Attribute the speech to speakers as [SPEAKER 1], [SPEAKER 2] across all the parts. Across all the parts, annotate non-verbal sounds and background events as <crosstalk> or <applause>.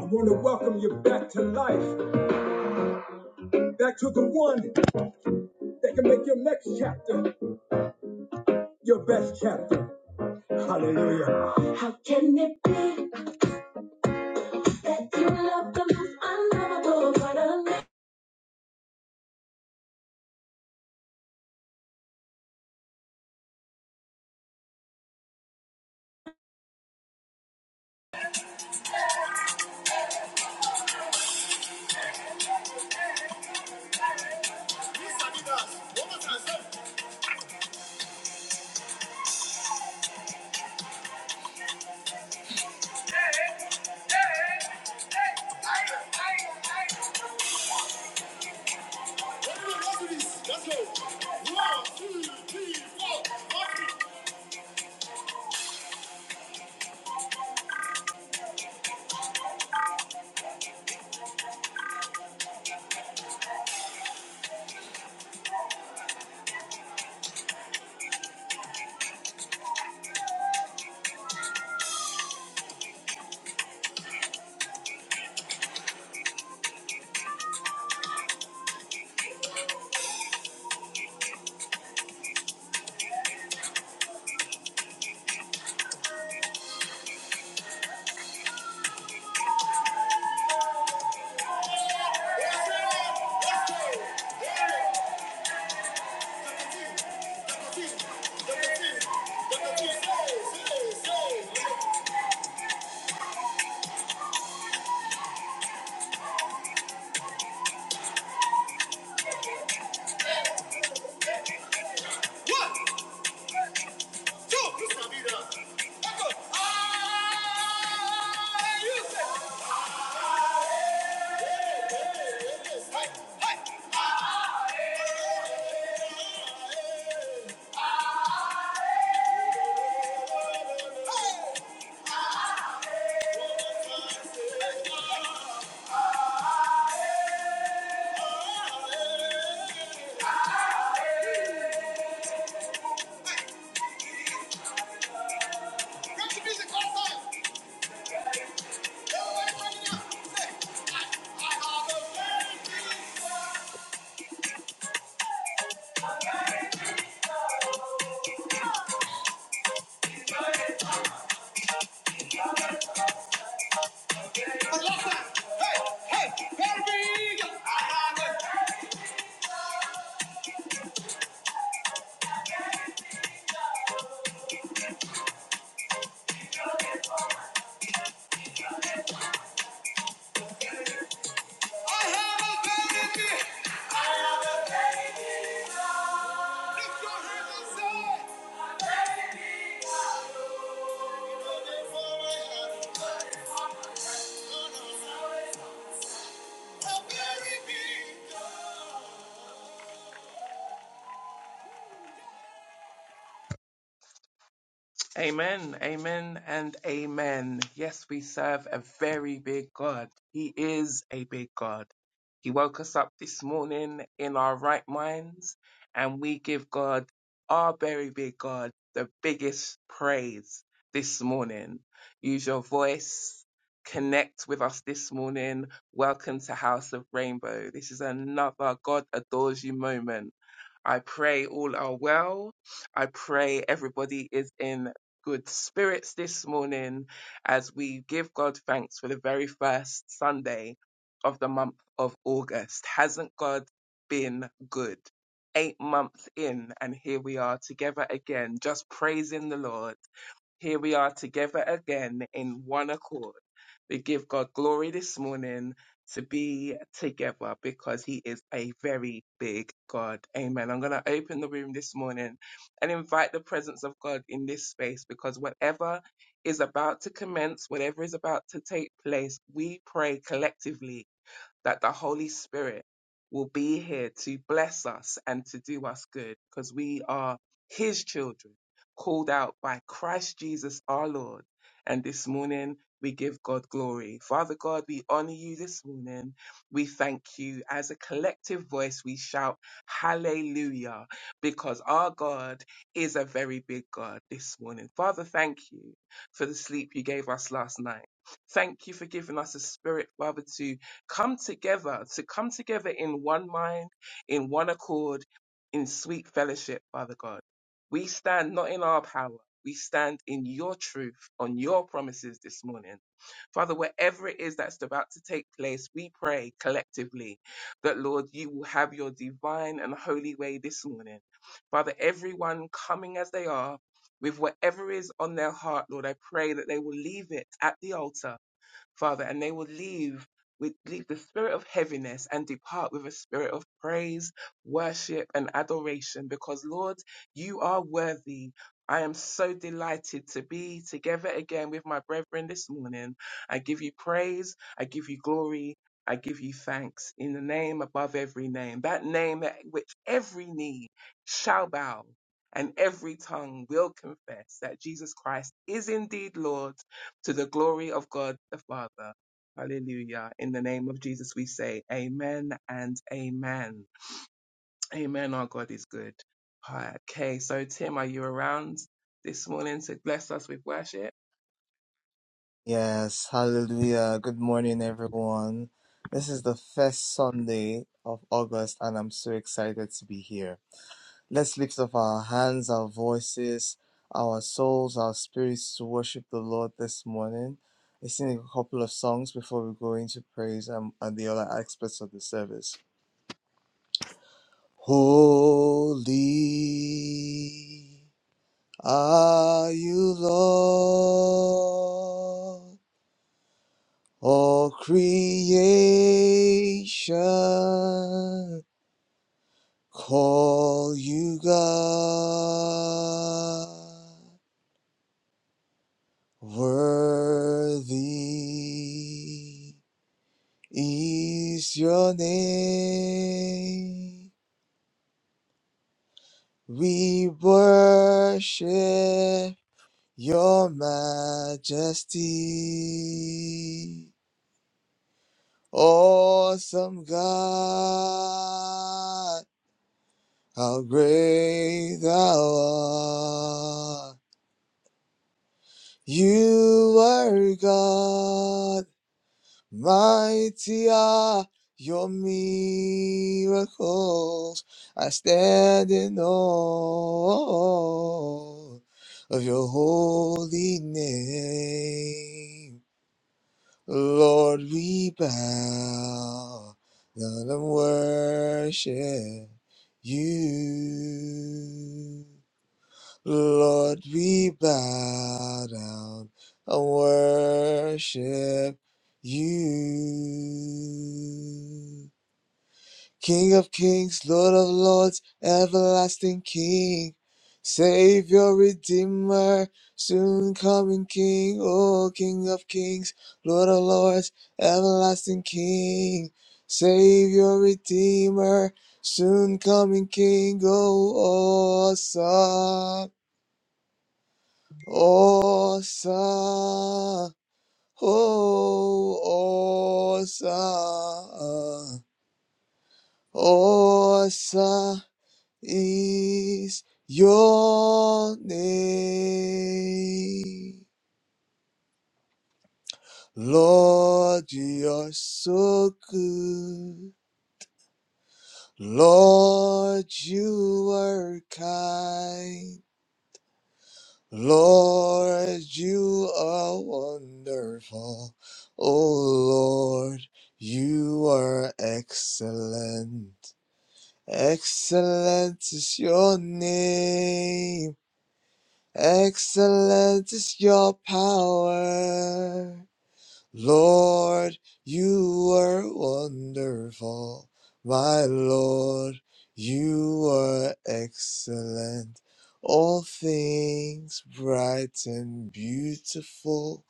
[SPEAKER 1] I want to welcome you back to life, back to the one that can make your next chapter your best chapter. Hallelujah. How can it be that you love the most unlovable but unlovable?
[SPEAKER 2] I have a baby.
[SPEAKER 1] Amen, amen, and amen. Yes, we serve a very big God. He is a big God. He woke us up this morning in our right minds, and we give God, our very big God, the biggest praise this morning. Use your voice, connect with us this morning. Welcome to House of Rainbow. This is another God adores you moment I pray all are well. I pray everybody is in good spirits this morning as we give God thanks for the very first Sunday of the month of August. Hasn't God been good? Eight months in, and here we are together again, just praising the Lord here we are together again in one accord. We give God glory this morning to be together because He is a very big God. Amen. I'm going to open the room this morning and invite the presence of God in this space because whatever is about to commence, whatever is about to take place, we pray collectively that the Holy Spirit will be here to bless us and to do us good because we are His children, called out by Christ Jesus our Lord. And this morning, we give God glory. Father God, we honor you this morning. We thank you. As a collective voice, we shout hallelujah because our God is a very big God this morning. Father, thank you for the sleep you gave us last night. Thank you for giving us a spirit, Father, to come together, to come together in one mind, in one accord, in sweet fellowship, Father God. We stand not in our power. We stand in your truth, on your promises this morning. Father, wherever it is that's about to take place, we pray collectively that, Lord, you will have your divine and holy way this morning. Father, everyone coming as they are, with whatever is on their heart, Lord, I pray that they will leave it at the altar Father, and they will leave with leave the spirit of heaviness and depart with a spirit of praise, worship, and adoration, because Lord, you are worthy. I am so delighted to be together again with my brethren this morning. I give you praise, I give you glory, I give you thanks in the name above every name, that name at which every knee shall bow and every tongue will confess that Jesus Christ is indeed Lord to the glory of God the Father. Hallelujah. In the name of Jesus, we say amen and amen. Amen. Our God is good. Alright, Okay, so Tim, are you around this morning to bless us with worship?
[SPEAKER 3] Yes, hallelujah. Good morning, everyone. This is the first Sunday of August, and I'm so excited to be here. Let's lift up our hands, our voices, our souls, our spirits to worship the Lord this morning. I sing a couple of songs before we go into praise and, and the other aspects of the service. Holy are you, Lord. All creation call you God. Worthy is your name. We worship your majesty. Awesome God How great thou art! You are God, mighty are your miracles. I stand in awe of your holy name. Lord, we bow down and worship you. Lord, we bow down and worship you. King of kings, Lord of lords, everlasting King, Savior, Redeemer, soon coming King, O King of kings, Lord of lords, everlasting King, Savior, Redeemer, soon coming King, O awesome. Osa, oh, Osa, Osa is your name. Lord, you are so good. Lord, you are kind. Lord, you are wonderful. Oh Lord, you are excellent. Excellent is your name. Excellent is your power. Lord, you were wonderful. My Lord, you were excellent. All things bright and beautiful,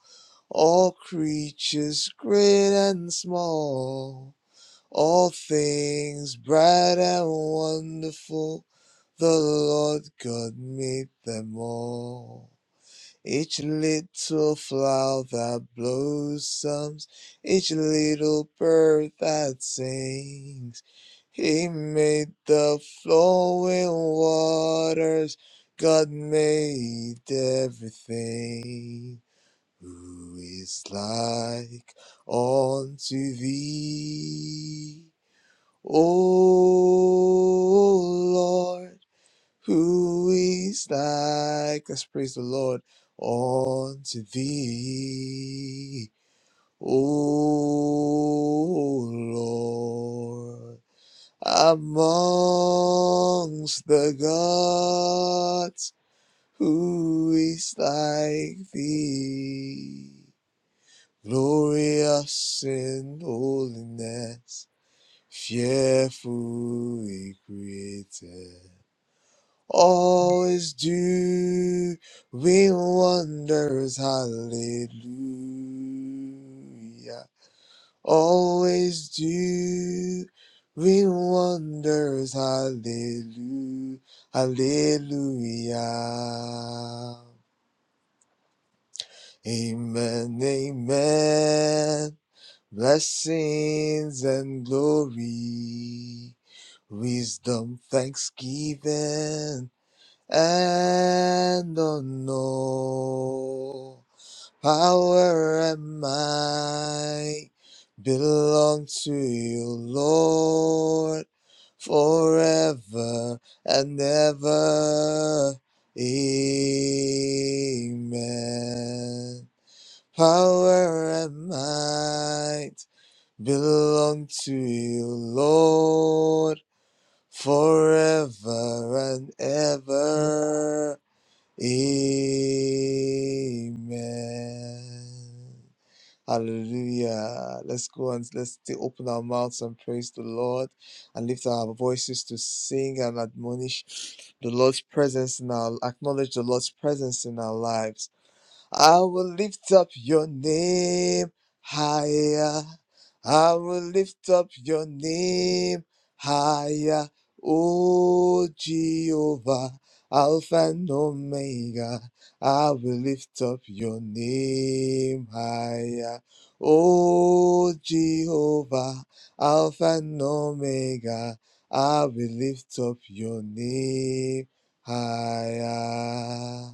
[SPEAKER 3] all creatures great and small, all things bright and wonderful, the Lord God made them all. Each little flower that blossoms, each little bird that sings. He made the flowing waters, God made everything. Who is like unto thee, O Lord? Who is like? us praise the Lord unto thee, O Lord, amongst the gods. Who is like thee? Glorious in holiness, fearfully created All is due with wonders, hallelujah. Always do we wonders, hallelujah, hallelujah. Amen, amen. Blessings and glory, wisdom, thanksgiving. and on all power and might belong to you, Lord, forever and ever. Amen. Power and might belong to you, Lord, forever and ever. Amen. Hallelujah. Let's go and let's t- open our mouths and praise the Lord and lift our voices to sing and admonish the Lord's presence in our acknowledge the Lord's presence in our lives. I will lift up your name higher. I will lift up your name higher. O Jehovah, Alpha and Omega. I will lift up your name higher. O Jehovah, Alpha and Omega. I will lift up your name higher.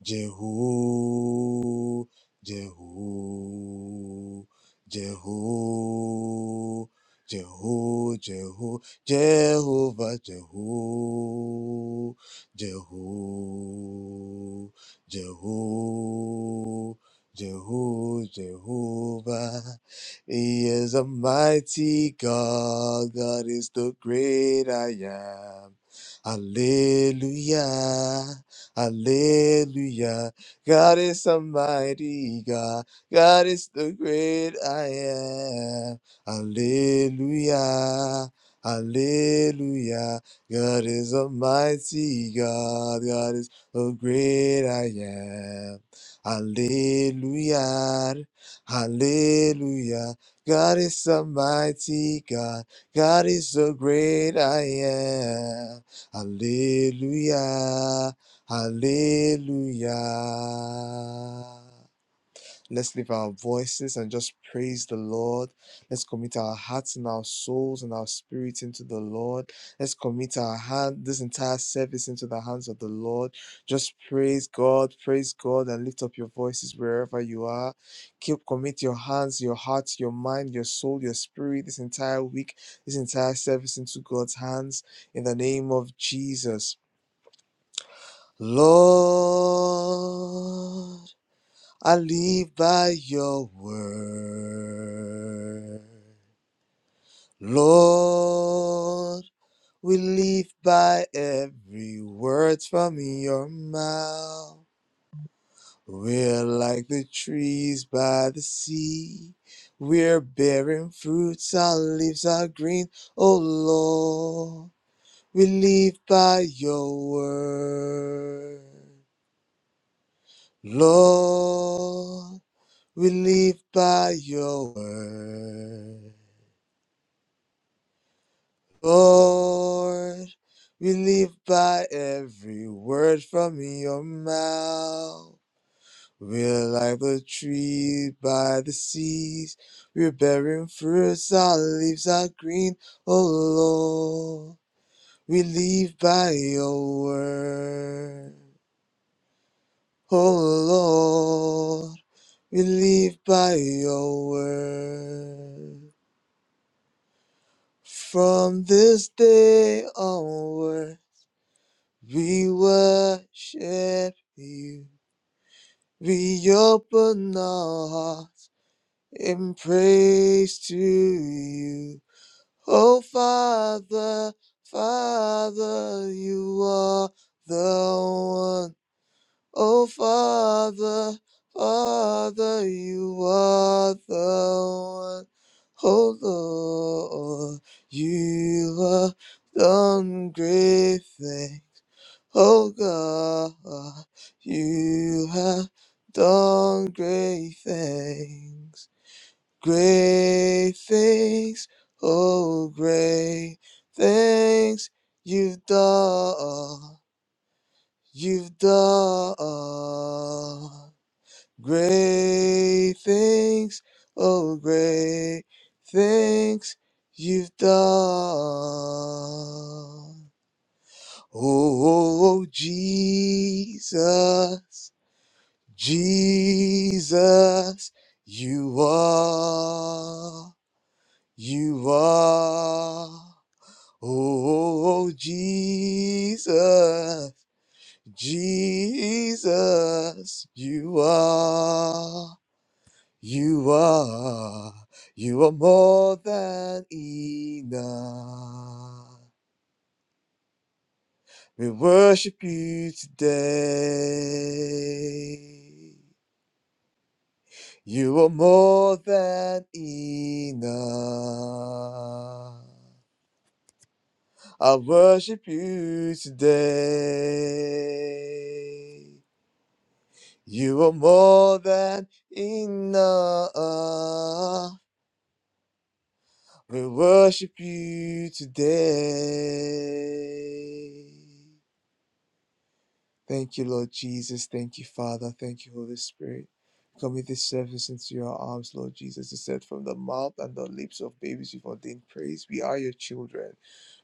[SPEAKER 3] Jehu, Jehu, Jehu, Jehu, Jehu, Jehovah, Jehu, Jehu, Jehu, Jehu, Jehovah. He is a mighty God. God is the great I am. Hallelujah. Hallelujah. God is a mighty God. God is the great I am. Hallelujah. Hallelujah. God is a mighty God. God is the great I am. Hallelujah. Hallelujah. God is a mighty God. God is the great I am. Hallelujah. Hallelujah. Let's lift our voices and just praise the Lord. Let's commit our hearts and our souls and our spirits into the Lord. Let's commit our hand, this entire service into the hands of the Lord. Just praise God, praise God, and lift up your voices wherever you are. Keep commit your hands, your heart, your mind, your soul, your spirit, this entire week, this entire service into God's hands in the name of Jesus. Lord, I live by your word. Lord, we live by every word from your mouth. We're like the trees by the sea. We're bearing fruits, our leaves are green. Oh Lord, we live by your word. Lord, We live by your word. Lord, we live by every word from your mouth. We're like the tree by the seas. We're bearing fruits, our leaves are green. Oh Lord, we live by your word. Oh Lord, we live by your word. From this day onward, we worship you. We open our hearts in praise to you. Oh, Father, Father, you are the Oh, Father, Father, you are the one. Oh, Lord, you have done great things. Oh, God, you have done great things. Great things, oh, great things you've done. You've done. Great things, oh great things you've done. Oh Jesus, Jesus, you are, you are. Oh Jesus, Jesus, you are. You are, you are more than enough. We worship you today. You are more than enough. I worship you today. You are more than enough. We worship you today. Thank you, Lord Jesus. Thank you, Father. Thank you, Holy Spirit. Commit this service into your arms, Lord Jesus. You said, From the mouth and the lips of babies, you've ordained praise. We are your children.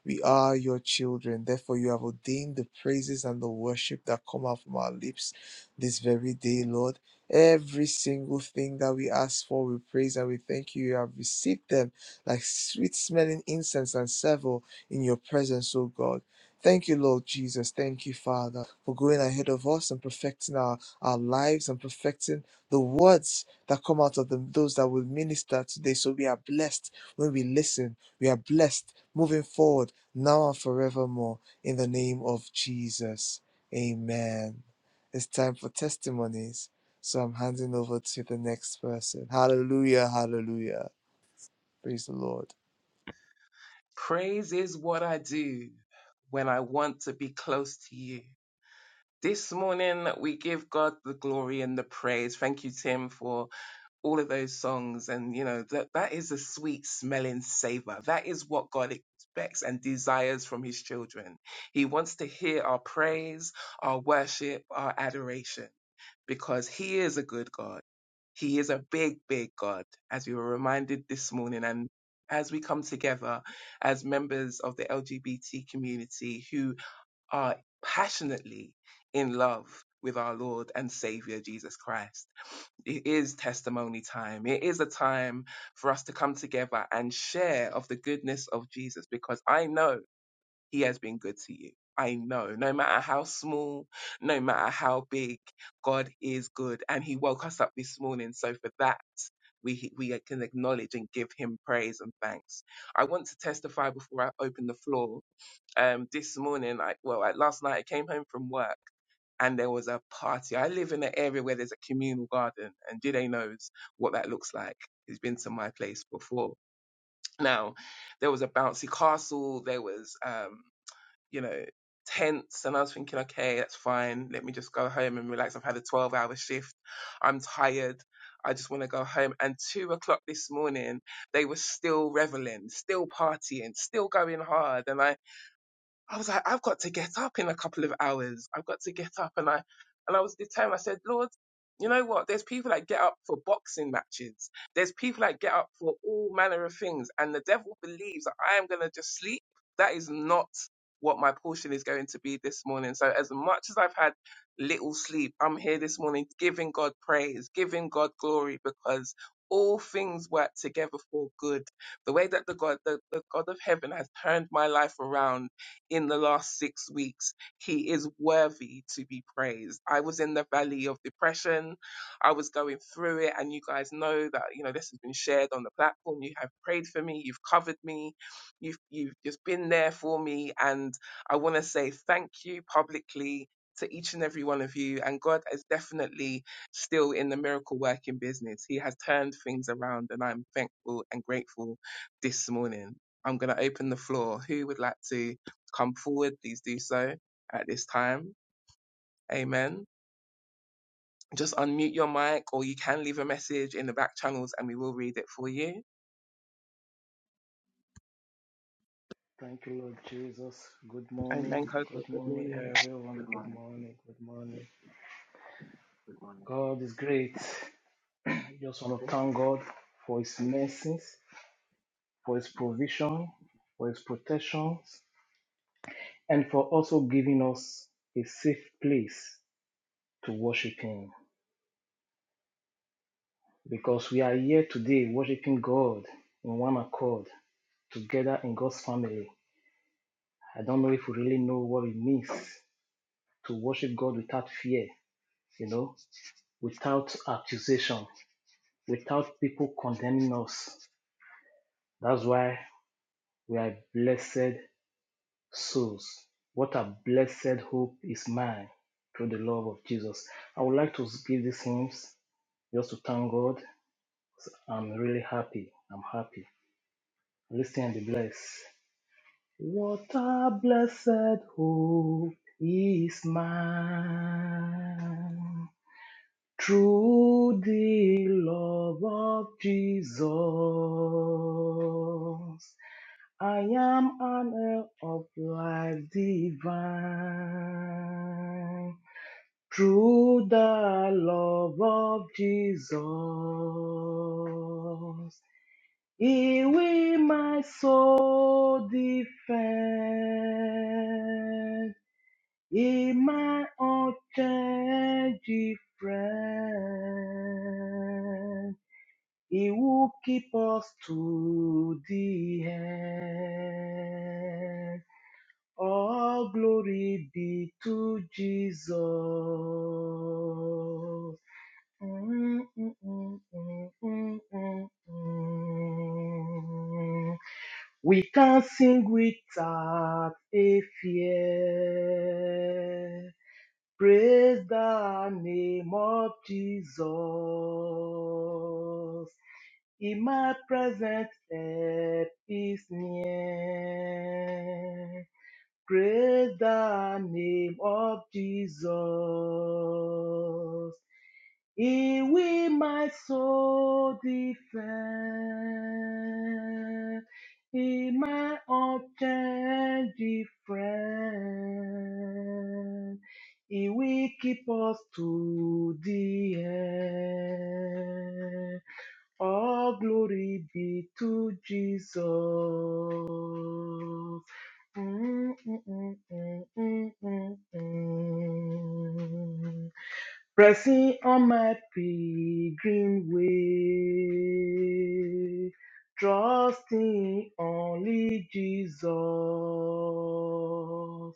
[SPEAKER 3] We are your children. Therefore, you have ordained the praises and the worship that come out from our lips this very day, Lord. Every single thing that we ask for, we praise and we thank you. You have received them like sweet smelling incense and savour in your presence, O God. Thank you, Lord Jesus. Thank you, Father, for going ahead of us and perfecting our, our lives and perfecting the words that come out of them, those that will minister today. So we are blessed when we listen. We are blessed moving forward now and forevermore in the name of Jesus. Amen. It's time for testimonies. So I'm handing over to the next person. Hallelujah, hallelujah. Praise the Lord.
[SPEAKER 1] Praise is what I do when I want to be close to you. This morning, we give God the glory and the praise. Thank you, Tim, for all of those songs and you know that that is a sweet smelling savor that is what god expects and desires from his children he wants to hear our praise our worship our adoration because he is a good god he is a big big god as we were reminded this morning and as we come together as members of the lgbt community who are passionately in love with our lord and savior jesus christ it is testimony time. It is a time for us to come together and share of the goodness of Jesus because I know he has been good to you. I know, no matter how small, no matter how big, God is good and he woke us up this morning. So for that, we, we can acknowledge and give him praise and thanks. I want to testify before I open the floor um, this morning, I, well, like last night, I came home from work and there was a party. I live in an area where there's a communal garden, and Jide knows what that looks like. He's been to my place before. Now, there was a bouncy castle, there was, um, you know, tents, and I was thinking, okay, that's fine. Let me just go home and relax. I've had a 12 hour shift. I'm tired. I just want to go home. And two o'clock this morning, they were still reveling, still partying, still going hard. And I I was like, I've got to get up in a couple of hours. I've got to get up. And I, and I was determined. I said, Lord, you know what? There's people that get up for boxing matches. There's people that get up for all manner of things. And the devil believes that I am going to just sleep. That is not what my portion is going to be this morning. So as much as I've had little sleep, I'm here this morning giving God praise, giving God glory because all things work together for good. The way that the God, the, the God of heaven has turned my life around in the last six weeks. He is worthy to be praised. I was in the valley of depression. I was going through it. And you guys know that, you know, this has been shared on the platform. You have prayed for me. You've covered me. You've, you've just been there for me. And I want to say thank you publicly to each and every one of you. And God is definitely still in the miracle working business. He has turned things around, and I'm thankful and grateful this morning. I'm going to open the floor. Who would like to? come forward, please do so at this time. Amen. Just unmute your mic or you can leave a message in the back channels and we will read it for you.
[SPEAKER 4] Thank you, Lord Jesus. Good morning.
[SPEAKER 1] Amen, Coco.
[SPEAKER 4] Good
[SPEAKER 1] Good
[SPEAKER 4] morning,
[SPEAKER 1] morning.
[SPEAKER 4] everyone.
[SPEAKER 5] Good
[SPEAKER 4] Good
[SPEAKER 5] morning.
[SPEAKER 4] morning. Good morning.
[SPEAKER 5] Good morning.
[SPEAKER 4] God is great. I just want to
[SPEAKER 5] Today,
[SPEAKER 4] thank God for His
[SPEAKER 5] I-
[SPEAKER 4] mercies, for His provision, for His protections, and for also giving us a safe place to worship Him. Because we are here today worshiping God in one accord, together in God's family. I don't know if we really know what it means to worship God without fear, you know without accusation, without people condemning us. That's why we are blessed souls. What a blessed hope is mine through the love of Jesus. I would like to give these hymns just to thank God. I'm really happy. I'm happy. Listen and be blessed. What a blessed hope is mine. Through the love of Jesus, I am an heir of life divine. Through the love of Jesus, He will my soul defend. Emma Ochaji friend, he will keep us to the end. All glory be to Jesus. Mm, mm, mm, mm, mm, mm, mm. We can sing without a fear. Praise the name of Jesus. In my present help is near. Praise the name of Jesus. He will my soul defend. He my unchanging friend. He will keep us to the end. All glory be to Jesus. Pressing on my pilgrim way, trusting only Jesus. oh,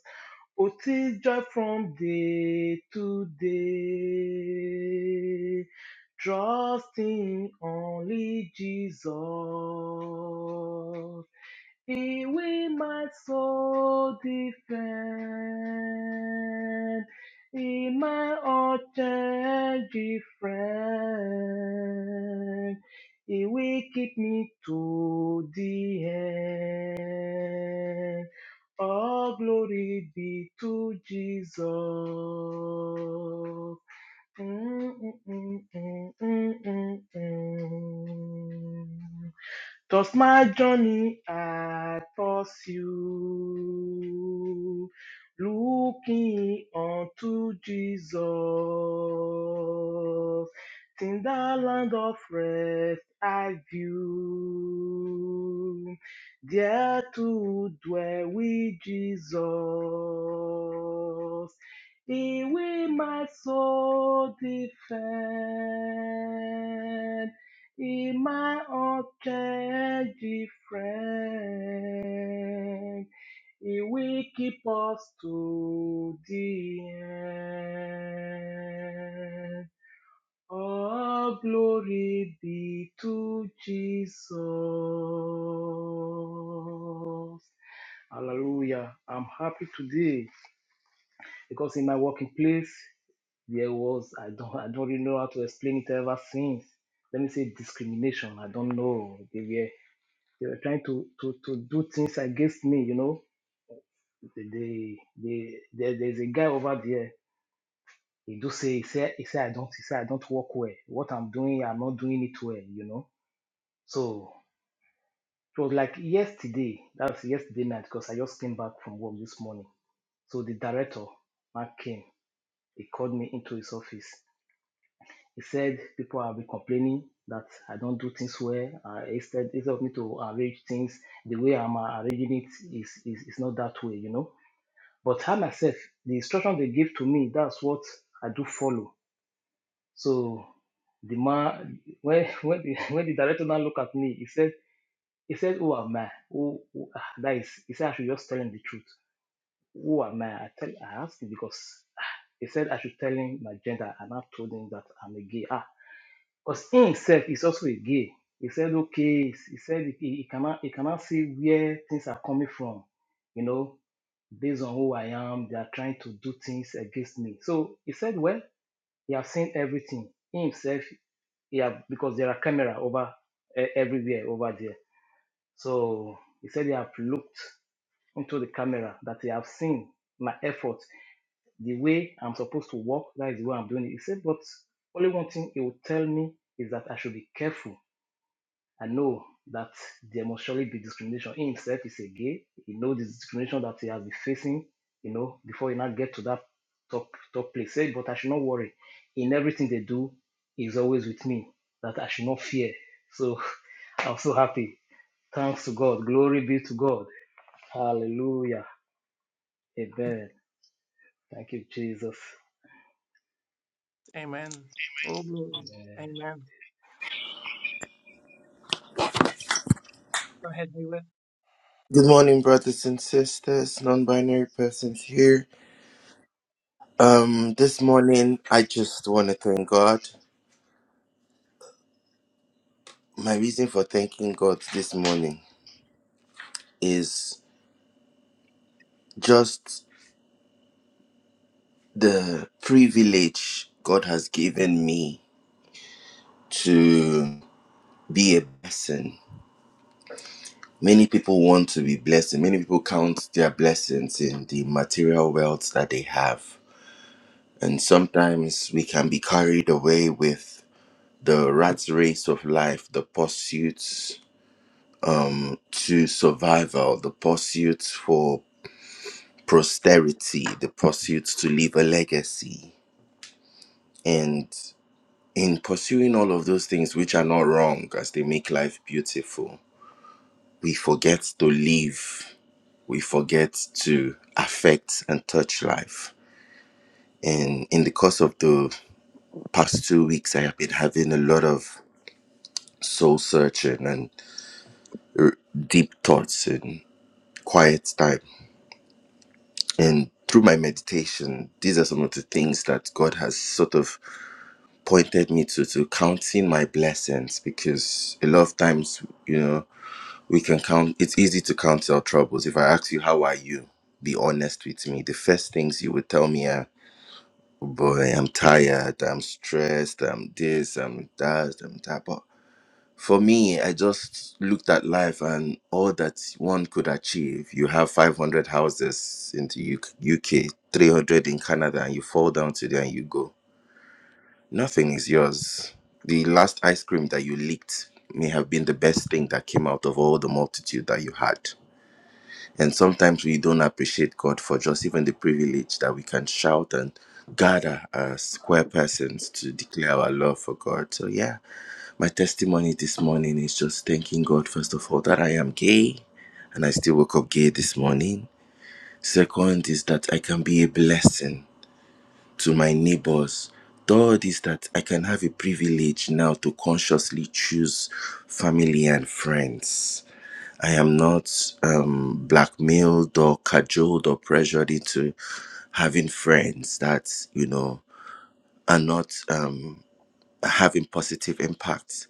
[SPEAKER 4] tis joy from day to day, trusting only Jesus. He will my soul defend, He my almighty friend. He will keep me to the end. All glory be to Jesus. Across my journey, I toss you, looking onto Jesus. In the land of rest, I view there to dwell with Jesus. Thee will my soul defend, in my object defend. He will keep us to the end. All glory be to Jesus. Hallelujah. I'm happy today because in my working place there was I don't I don't really know how to explain it ever since. Let me say discrimination. I don't know. They were they were trying to to, to do things against me. You know, they they, they there, there's a guy over there. He do say he say he say I don't he say I don't work well. What I'm doing, I'm not doing it well. You know, so. It was like yesterday. That was yesterday night because I just came back from work this morning. So the director, Mark, came. He called me into his office He said people have been complaining that I don't do things well. Uh, instead, instead of me to arrange things the way I'm uh, arranging it is, is is not that way, you know. But I myself, the instruction they give to me, that's what I do follow. So the man, when when the, <laughs> when the director now look at me, he said he said, "Who am I? Who, who ah, that is?" He said, "I should just tell him the truth. Who am I?" I tell I asked him because ah, he said I should tell him my gender, and I told him that I'm a gay. Ah, Cause he himself is also a gay. He said, okay, he said he, he cannot he cannot see where things are coming from, you know, based on who I am. They are trying to do things against me. So he said, well, he have seen everything. He himself, he have because there are camera over eh, everywhere over there. So he said he have looked into the camera that he have seen my effort, the way I'm supposed to walk. That is the way I'm doing it. He said, but only one thing he would tell me is that I should be careful I know that there must surely be discrimination. He himself is a gay. He knows the discrimination that he has been facing, you know, before he now get to that top top place. Say, but I should not worry. In everything they do, he's always with me. That I should not fear. So <laughs> I'm so happy. Thanks to God. Glory be to God. Hallelujah. Amen. Thank you, Jesus.
[SPEAKER 1] Amen. All glory. Amen. Go ahead, Hayward.
[SPEAKER 6] Good morning, brothers and sisters, non binary persons here. Um, this morning, I just want to thank God. My reason for thanking God this morning is just the privilege God has given me to be a blessing. Many people want to be blessed, and many people count their blessings in the material wealth that they have. And sometimes we can be carried away with the rat race of life, the pursuit to survival, the pursuit for posterity, the pursuit to leave a legacy. And in pursuing all of those things, which are not wrong as they make life beautiful, we forget to live, we forget to affect and touch life. And in the course of the past two weeks, I have been having a lot of soul searching and uh, deep thoughts and quiet time And through my meditation, these are some of the things that God has sort of pointed me to, to counting my blessings, because a lot of times, you know, we can count, it's easy to count our troubles. If I ask you, how are you? Be honest with me. The first things you would tell me are, "Oh boy, I'm tired, I'm stressed, I'm this, I'm that, I'm that. But for me, I just looked at life and all that one could achieve. You have 500 houses in the U- 300 in Canada, and you fall down to there and you go. Nothing is yours. The last ice cream that you licked may have been the best thing that came out of all the multitude that you had. And sometimes we don't appreciate God for just even the privilege that we can shout and gather as square persons to declare our love for God. So, yeah. My testimony this morning is just thanking God, first of all, that I am gay and I still woke up gay this morning. Second is that I can be a blessing to my neighbors. Third is that I can have a privilege now to consciously choose family and friends. I am not um, blackmailed or cajoled or pressured into having friends that, you know, are not um, having positive impact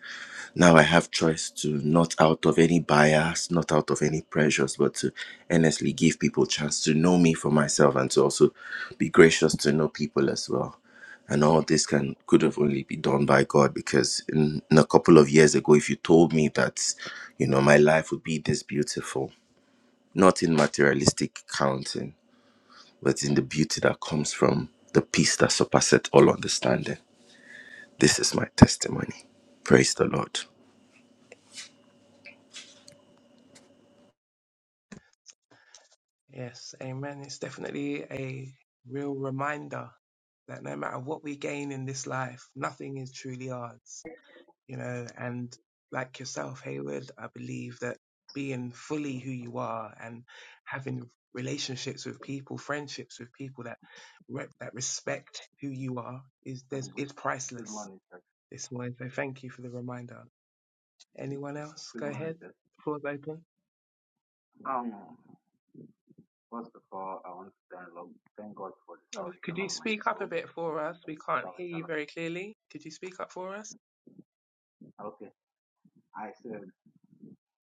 [SPEAKER 6] now I have choice to not out of any bias, not out of any pressures, but to earnestly give people chance to know me for myself and to also be gracious to know people as well. And all this can could have only been done by God because in, in a couple of years ago, if you told me that, you know, my life would be this beautiful, not in materialistic counting, but in the beauty that comes from the peace that surpasseth all understanding. This is my testimony. Praise the Lord.
[SPEAKER 1] Yes, amen. It's definitely a real reminder that no matter what we gain in this life, nothing is truly ours, you know. And like yourself, Hayward, I believe that being fully who you are and having relationships with people, friendships with people that re- that respect who you are is there's
[SPEAKER 5] I'm good.
[SPEAKER 1] it's
[SPEAKER 5] Good
[SPEAKER 1] priceless
[SPEAKER 5] morning, sir.
[SPEAKER 1] this morning. So thank you for the reminder. Anyone else?
[SPEAKER 5] Good
[SPEAKER 1] Go
[SPEAKER 5] morning,
[SPEAKER 1] ahead.
[SPEAKER 5] sir.
[SPEAKER 1] Floor's open.
[SPEAKER 5] Um, first of all, I want to thank Lord, thank God for the
[SPEAKER 1] Oh, Could
[SPEAKER 5] salvation
[SPEAKER 1] you
[SPEAKER 5] of my
[SPEAKER 1] speak up a
[SPEAKER 5] soul,
[SPEAKER 1] bit for us?
[SPEAKER 5] for
[SPEAKER 1] We
[SPEAKER 5] the
[SPEAKER 1] can't hear you
[SPEAKER 5] salvation
[SPEAKER 1] very clearly. Could you speak up for us?
[SPEAKER 5] of. Okay, I said.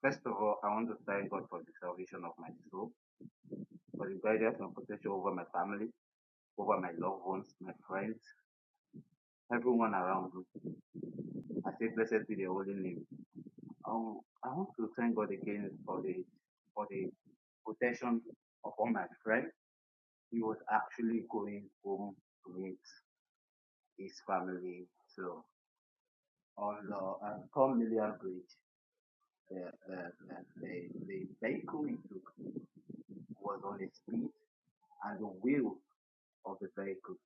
[SPEAKER 5] First of all, I want to thank God for the salvation of my soul, for the guidance and protection over my family, over my loved ones, my friends, everyone around me. I say, blessed be the holy name. Um, I want to thank God again for the for the protection of all my friends. he was actually going home to meet his family. So on the uh, Tom Million Bridge, the, the, the, the, vehicle he took was on a speed and the wheel of the vehicle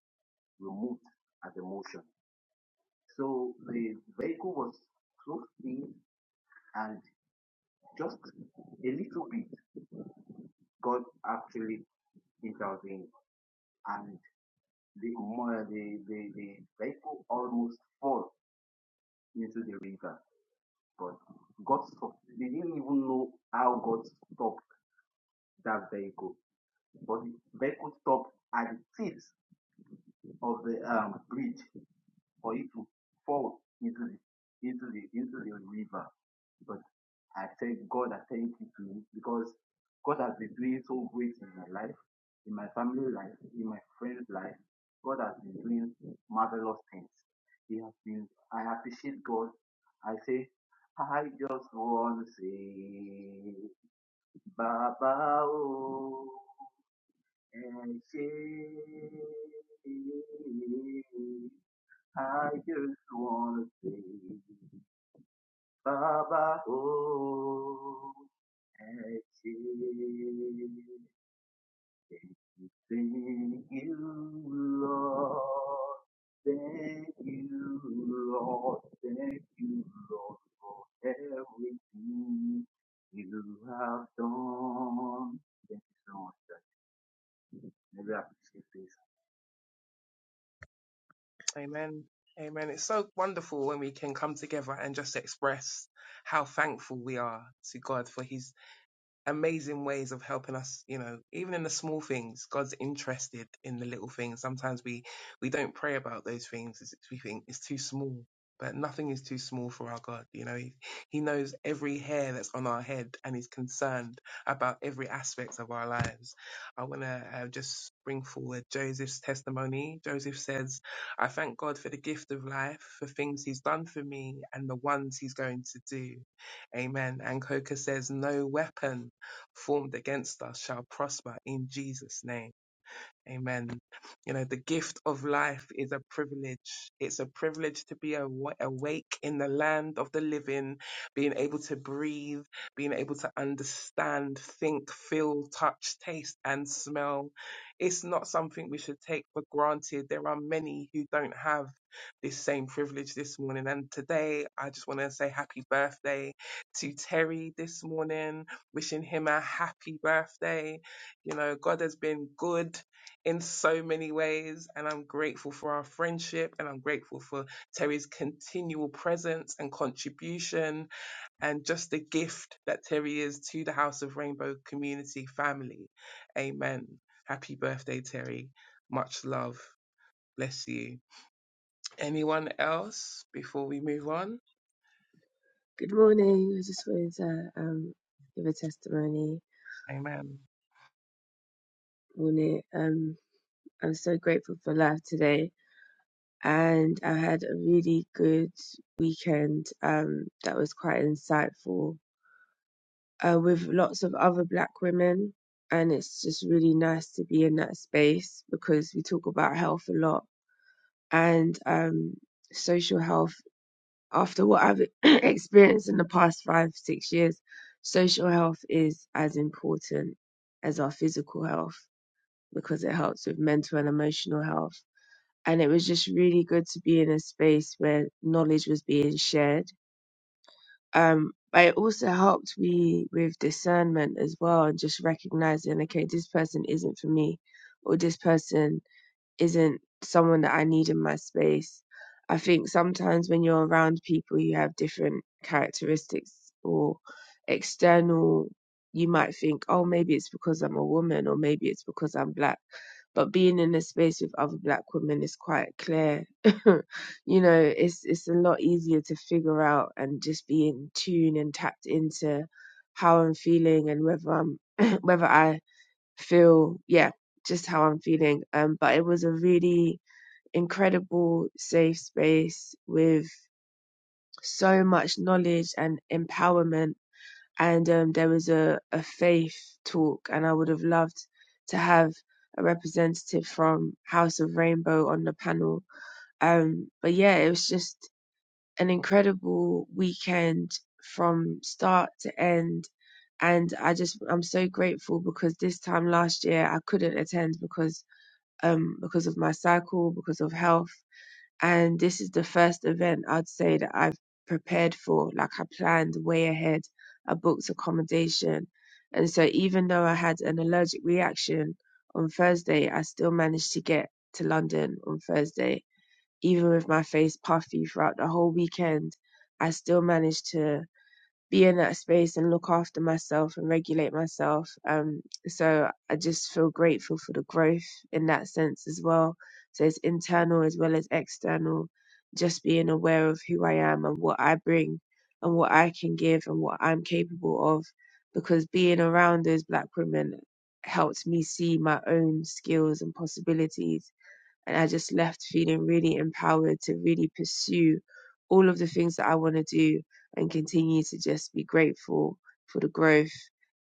[SPEAKER 5] removed at the motion. So the vehicle was so speed and just a little bit, God actually intervened and the, mo- uh, the, the, the vehicle almost fall into the river. But God stopped. They didn't even know how God stopped that vehicle. But the vehicle stopped at the tips of the um, bridge for you to fall into the into the into the river. But I thank God, I thank you to me because God has been doing so great in my life, in my family life, in my friends' life. God has been doing marvelous things. He has been I appreciate God. I say I just want to say Baba oh and say. I just wanna say Baba Oh and thank you, Lord. Thank you, Lord. Thank you, Lord, for everything you have done. Thank you so much, sir. Maybe I appreciate this.
[SPEAKER 1] Amen. Amen. It's so wonderful when we can come together and just express how thankful we are to God for His. amazing ways of helping us you know even in the small things god's interested in the little things sometimes we we don't pray about those things as we think it's too small but nothing is too small for our god you know he, he knows every hair that's on our head and is concerned about every aspect of our lives i want to uh, just bring forward joseph's testimony joseph says i thank god for the gift of life for things he's done for me and the ones he's going to do amen and coca says no weapon formed against us shall prosper in Jesus' name. Amen. You know, the gift of life is a privilege. It's a privilege to be awa- awake in the land of the living, being able to breathe, being able to understand, think, feel, touch, taste, and smell. It's not something we should take for granted. There are many who don't have this same privilege this morning. And today, I just want to say happy birthday to Terry this morning, wishing him a happy birthday. You know, God has been good in so many ways. And I'm grateful for our friendship and I'm grateful for Terry's continual presence and contribution and just the gift that Terry is to the House of Rainbow community family. Amen. Happy birthday, Terry. Much love. Bless you. Anyone else before we move on?
[SPEAKER 7] Good morning. I just wanted to um, give a testimony.
[SPEAKER 1] Amen.
[SPEAKER 7] Morning. Um, I'm so grateful for life today, and I had a really good weekend. Um, that was quite insightful. Uh, with lots of other Black women, and it's just really nice to be in that space because we talk about health a lot and um, social health after what I've <clears throat> experienced in the past five, six years, social health is as important as our physical health because it helps with mental and emotional health. And it was just really good to be in a space where knowledge was being shared. Um, but it also helped me with discernment as well and just recognizing, okay, this person isn't for me or this person isn't someone that I need in my space. I think sometimes when you're around people who have different characteristics or external, you might think, oh, maybe it's because I'm a woman or maybe it's because I'm black. But being in a space with other black women is quite clear. <laughs> you know, it's it's a lot easier to figure out and just be in tune and tapped into how I'm feeling and whether I'm <clears throat> whether I feel yeah just how i'm feeling um but it was a really incredible safe space with so much knowledge and empowerment and um there was a a faith talk and i would have loved to have a representative from house of rainbow on the panel um but yeah it was just an incredible weekend from start to end and I just I'm so grateful because this time last year I couldn't attend because um, because of my cycle, because of health. And this is the first event I'd say that I've prepared for. Like I planned way ahead. I booked accommodation. And so even though I had an allergic reaction on Thursday, I still managed to get to London on Thursday. Even with my face puffy throughout the whole weekend, I still managed to be in that space and look after myself and regulate myself. Um, so I just feel grateful for the growth in that sense as well. So it's internal as well as external, just being aware of who I am and what I bring and what I can give and what I'm capable of. Because being around those black women helped me see my own skills and possibilities and I just left feeling really empowered to really pursue all of the things that I want to do and continue to just be grateful for the growth,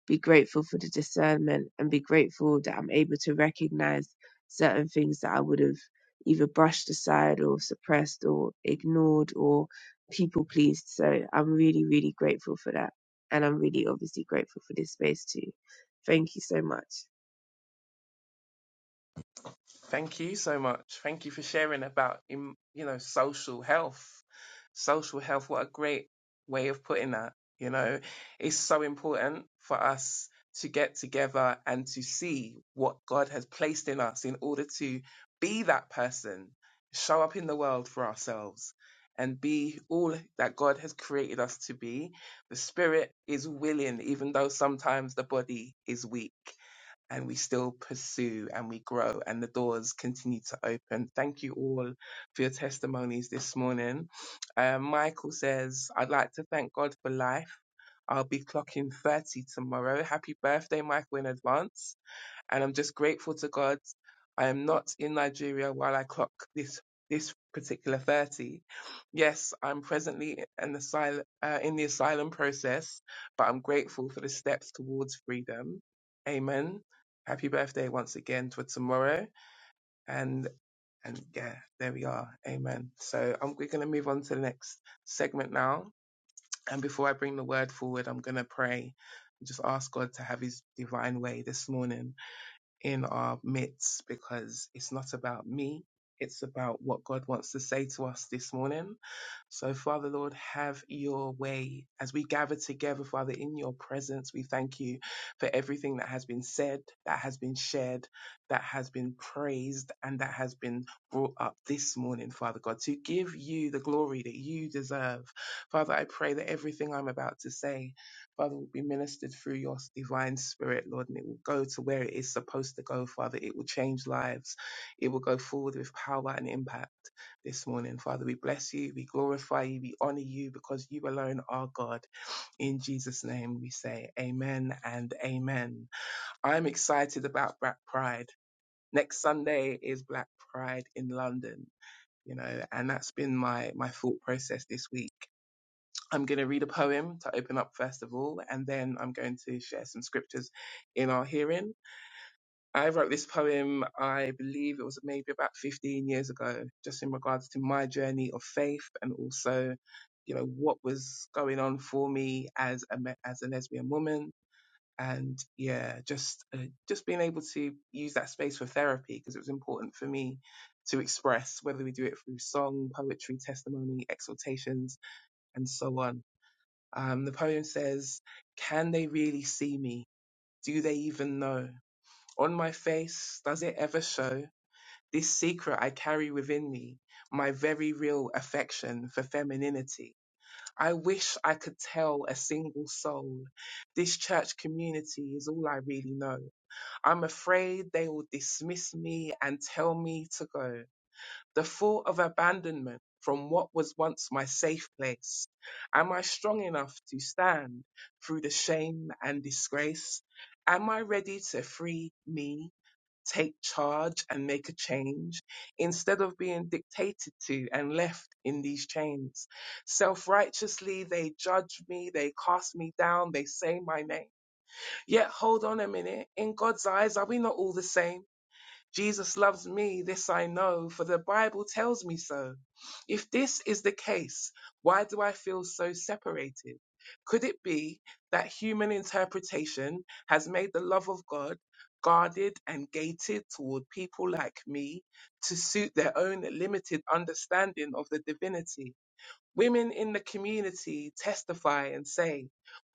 [SPEAKER 7] be grateful for the discernment, and be grateful that I'm able to recognize certain things that I would have either brushed aside or suppressed or ignored or people pleased. So I'm really, really grateful for that. And I'm really obviously grateful for this space too. Thank you so much.
[SPEAKER 1] Thank you so much. Thank you for sharing about, im- you know, social health. Social health, what a great way of putting that. You know, it's so important for us to get together and to see what God has placed in us in order to be that person, show up in the world for ourselves and be all that God has created us to be. The spirit is willing, even though sometimes the body is weak and we still pursue and we grow and the doors continue to open. Thank you all for your testimonies this morning. Um, Michael says, I'd like to thank God for life. I'll be clocking 30 tomorrow. Happy birthday, Michael, in advance and I'm just grateful to God. I am not in Nigeria while I clock this this particular 30. Yes, I'm presently in the asylum, uh, in the asylum process, but I'm grateful for the steps towards freedom. Amen. Happy birthday once again for tomorrow, and and yeah, there we are. Amen. So I'm, we're going to move on to the next segment now, and before I bring the word forward, I'm going to pray. and Just ask God to have His divine way this morning in our midst because it's not about me. It's about what God wants to say to us this morning. So, Father Lord, have your way. As we gather together, Father, in your presence, we thank you for everything that has been said, that has been shared, that has been praised, and that has been brought up this morning, Father God, to give you the glory that you deserve. Father, I pray that everything I'm about to say, Father, will be ministered through your divine spirit, Lord, and it will go to where it is supposed to go, Father. It will change lives, it will go forward with power and impact this morning. Father, we bless you, we glorify you, we honor you because you alone are God. In Jesus' name we say amen and amen. I'm excited about Black Pride. Next Sunday is Black Pride in London, you know, and that's been my, my thought process this week. I'm going to read a poem to open up first of all, and then I'm going to share some scriptures in our hearing I wrote this poem, I believe it was maybe about 15 years ago, just in regards to my journey of faith and also, you know, what was going on for me as a me- as a lesbian woman, and yeah, just uh, just being able to use that space for therapy because it was important for me to express whether we do it through song, poetry, testimony, exhortations, and so on. Um, the poem says, "Can they really see me? Do they even know?" On my face does it ever show this secret I carry within me, my very real affection for femininity? I wish I could tell a single soul this church community is all I really know. I'm afraid they will dismiss me and tell me to go. The thought of abandonment from what was once my safe place. Am I strong enough to stand through the shame and disgrace? Am I ready to free me? take charge and make a change instead of being dictated to and left in these chains. Self righteously, they judge me, they cast me down, they say my name. Yet, hold on a minute. In God's eyes, are we not all the same? Jesus loves me, this I know, for the Bible tells me so. If this is the case, why do I feel so separated? Could it be that human interpretation has made the love of God guarded and gated toward people like me to suit their own limited understanding of the divinity? Women in the community testify and say,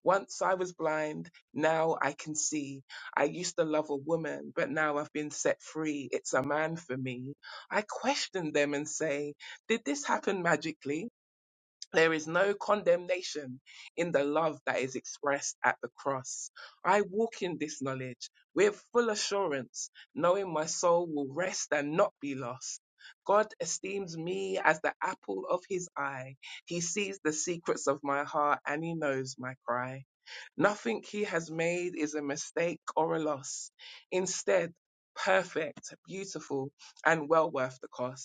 [SPEAKER 1] Once I was blind, now I can see. I used to love a woman, but now I've been set free. It's a man for me. I question them and say, Did this happen magically? There is no condemnation in the love that is expressed at the cross. I walk in this knowledge with full assurance, knowing my soul will rest and not be lost. God esteems me as the apple of his eye. He sees the secrets of my heart and he knows my cry. Nothing he has made is a mistake or a loss. Instead, perfect, beautiful, and well worth the cost.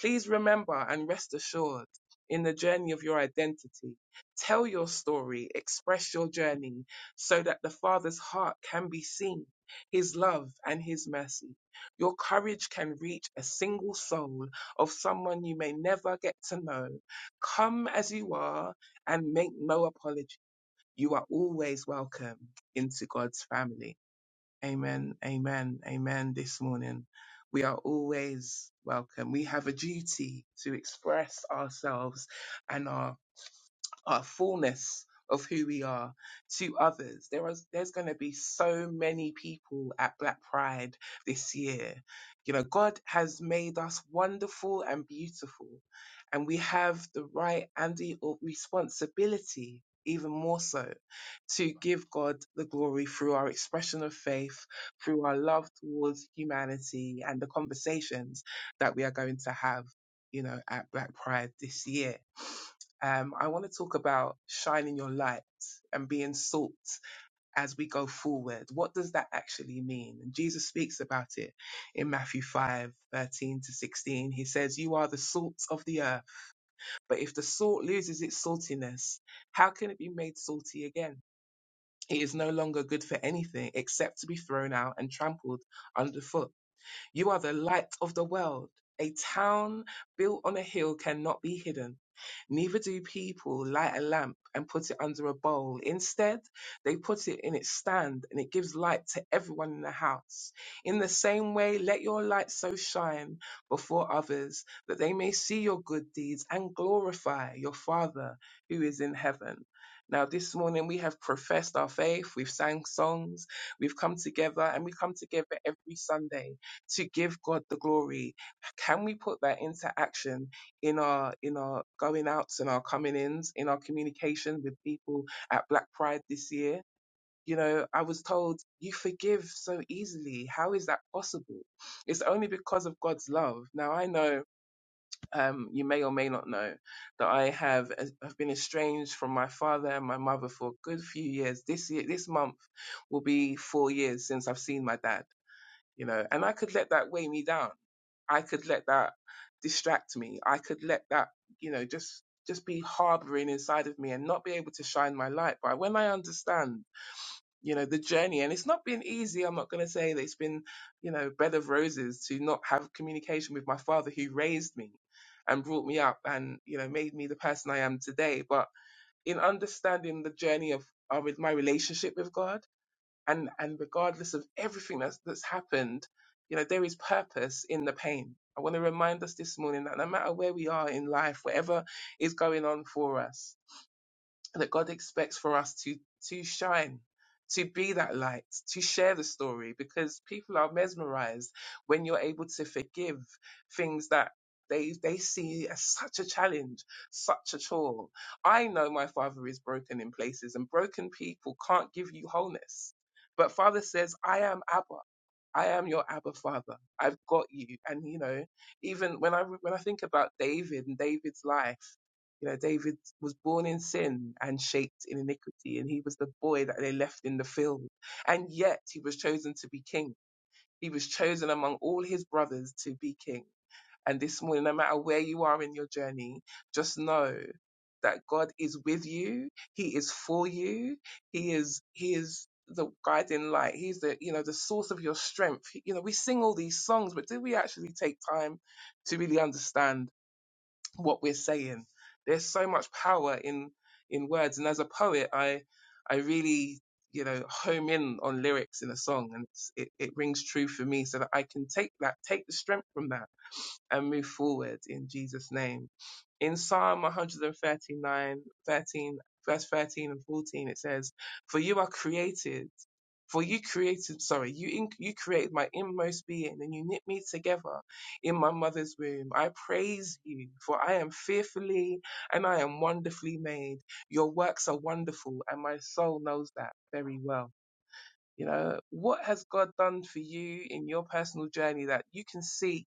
[SPEAKER 1] Please remember and rest assured in the journey of your identity. Tell your story, express your journey so that the Father's heart can be seen, His love and His mercy. Your courage can reach a single soul of someone you may never get to know. Come as you are and make no apology. You are always welcome into God's family. Amen, amen, amen. This morning, we are always welcome. We have a duty to express ourselves and our our fullness of who we are to others. There is there's going to be so many people at Black Pride this year. You know, God has made us wonderful and beautiful, and we have the right and the responsibility even more so to give God the glory through our expression of faith, through our love towards humanity and the conversations that we are going to have, you know, at Black Pride this year um, I want to talk about shining your light and being salt as we go forward. What does that actually mean? And Jesus speaks about it in Matthew 5 13 to 16. He says, You are the salt of the earth, but if the salt loses its saltiness, how can it be made salty again? It is no longer good for anything except to be thrown out and trampled underfoot. You are the light of the world. A town built on a hill cannot be hidden. Neither do people light a lamp and put it under a bowl. Instead, they put it in its stand and it gives light to everyone in the house. In the same way, let your light so shine before others that they may see your good deeds and glorify your Father who is in heaven. Now, this morning we have professed our faith, we've sang songs, we've come together, and we come together every Sunday to give God the glory. Can we put that into action? in our in our going outs and our coming ins, in our communication with people at Black Pride this year. You know, I was told you forgive so easily. How is that possible? It's only because of God's love. Now I know um, you may or may not know that I have uh, have been estranged from my father and my mother for a good few years. This year, this month will be four years since I've seen my dad. You know, and I could let that weigh me down I could let that distract me. I could let that, you know, just just be harboring inside of me and not be able to shine my light. But when I understand, you know, the journey and it's not been easy, I'm not gonna say that it's been, you know, bed of roses to not have communication with my father who raised me and brought me up and, you know, made me the person I am today. But in understanding the journey of uh, with my relationship with God and and regardless of everything that's that's happened you know there is purpose in the pain i want to remind us this morning that no matter where we are in life whatever is going on for us that God expects for us to to shine, to be that light, to share the story, because people are mesmerized when you're able to forgive things that they they see as such a challenge, such a chore. I know my father is broken in places, and broken people can't give you wholeness. But Father says, I am Abba. I am your Abba Father. I've got you. And you know, even when I when I think about David and David's life you know, David was born in sin and shaped in iniquity, and he was the boy that they left in the field. And yet he was chosen to be king. He was chosen among all his brothers to be king. And this morning, no matter where you are in your journey, just know that God is with you. He is for you. He is, he is the guiding light. He's the, you know, the source of your strength. You know, we sing all these songs, but do we actually take time to really understand what we're saying. There's so much power in in words, and as a poet, I I really you know home in on lyrics in a song, and it's, it it rings true for me, so that I can take that, take the strength from that and move forward in Jesus' name. In Psalm 139:13, verse 13 and 14, it says, For you are created, for you created, sorry, you, in, you created my inmost being and you knit me together in my mother's womb. I praise you, for I am fearfully and I am wonderfully made. Your works are wonderful, and my soul knows that very well. You know, what has God done for you in your personal journey that you can see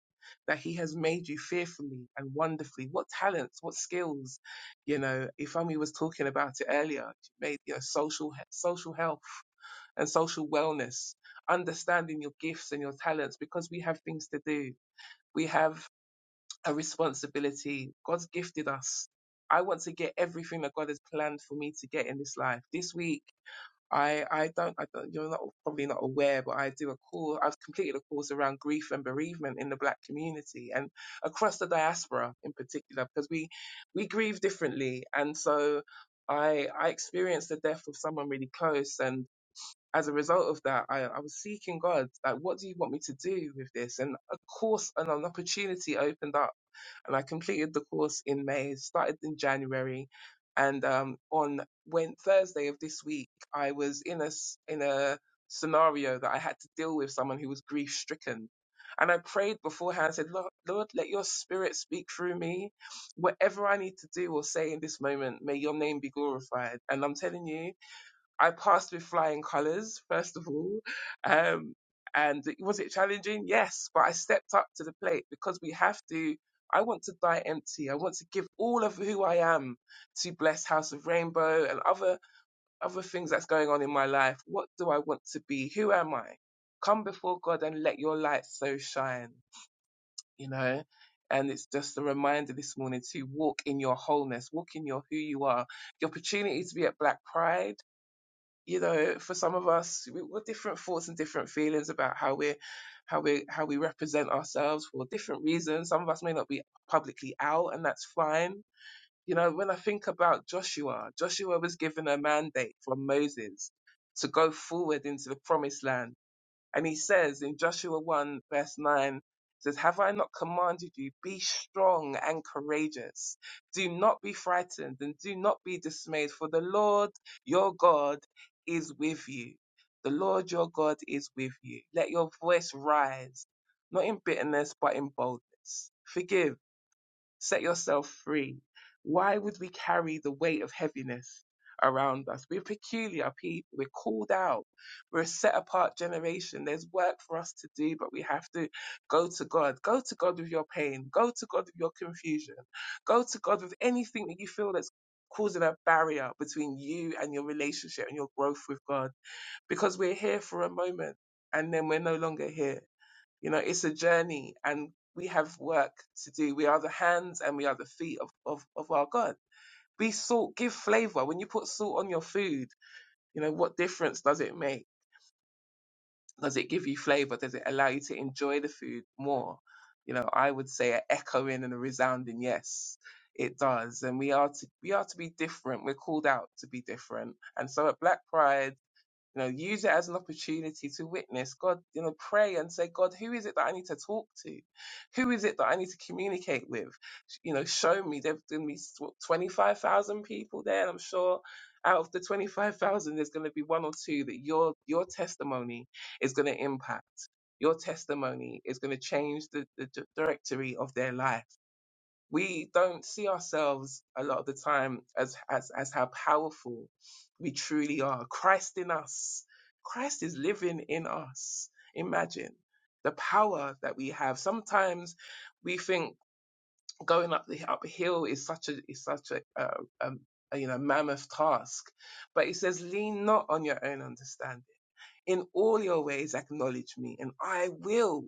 [SPEAKER 1] that He has made you fearfully and wonderfully? What talents, what skills? You know, if Ifemi was talking about it earlier. She made you know social social health and social wellness, understanding your gifts and your talents because we have things to do. We have a responsibility. God's gifted us. I want to get everything that God has planned for me to get in this life. This week. I, I don't, I don't, you're not probably not aware, but I do a course, I've completed a course around grief and bereavement in the black community and across the diaspora in particular, because we, we grieve differently. And so I, I experienced the death of someone really close and as a result of that, I, I was seeking God, like, what do you want me to do with this? And a course and an opportunity opened up, and I completed the course in May, started in January, and um, on when Thursday of this week, I was in a s- in a scenario that I had to deal with someone who was grief stricken. And I prayed beforehand, said, Lord, Lord, let your spirit speak through me. Whatever I need to do or say in this moment, may your name be glorified. And I'm telling you, I passed with flying colours, first of all. Um, and was it challenging? Yes, but I stepped up to the plate because we have to. I want to die empty. I want to give all of who I am to bless House of Rainbow and other other things that's going on in my life. What do I want to be? Who am I? Come before God and let your light so shine. You know. And it's just a reminder this morning to walk in your wholeness, walk in your who you are. The opportunity to be at Black Pride you know, for some of us, we, we're different thoughts and different feelings about how we, how we, how we represent ourselves for different reasons. Some of us may not be publicly out, and that's fine. You know, when I think about Joshua, Joshua was given a mandate from Moses to go forward into the promised land and he says in Joshua 1 verse 9, says, Have I not commanded you, be strong and courageous. Do not be frightened and do not be dismayed, for the Lord your God is with you. The Lord your God is with you. Let your voice rise, not in bitterness, but in boldness. Forgive Set yourself free. Why would we carry the weight of heaviness around us? We're peculiar people. We're called out. We're a set apart generation. There's work for us to do, but we have to go to God. Go to God with your pain. Go to God with your confusion. Go to God with anything that you feel that's causing a barrier between you and your relationship and your growth with God because we're here for a moment and then we're no longer here you know, it's a journey and we have work to do. We are the hands and we are the feet of, of, of our God. Be salt, give flavor. When you put salt on your food, you know, what difference does it make? Does it give you flavor? Does it allow you to enjoy the food more? You know, I would say an echoing and a resounding yes. It does. And we are to, we are to be different. We're called out to be different. And so at Black Pride, you know, use it as an opportunity to witness God, you know, pray and say, God, who is it that I need to talk to? Who is it that I need to communicate with? You know, show me. There's going to be 25,000 people there. And I'm sure out of the 25,000, there's going to be one or two that your, your testimony is going to impact. Your testimony is going to change the, the di- directory of their life we don't see ourselves a lot of the time as, as as how powerful we truly are christ in us christ is living in us imagine the power that we have sometimes we think going up the uphill is such a is such a, uh um a you know mammoth task but it says lean not on your own understanding in all your ways, acknowledge me, and I will,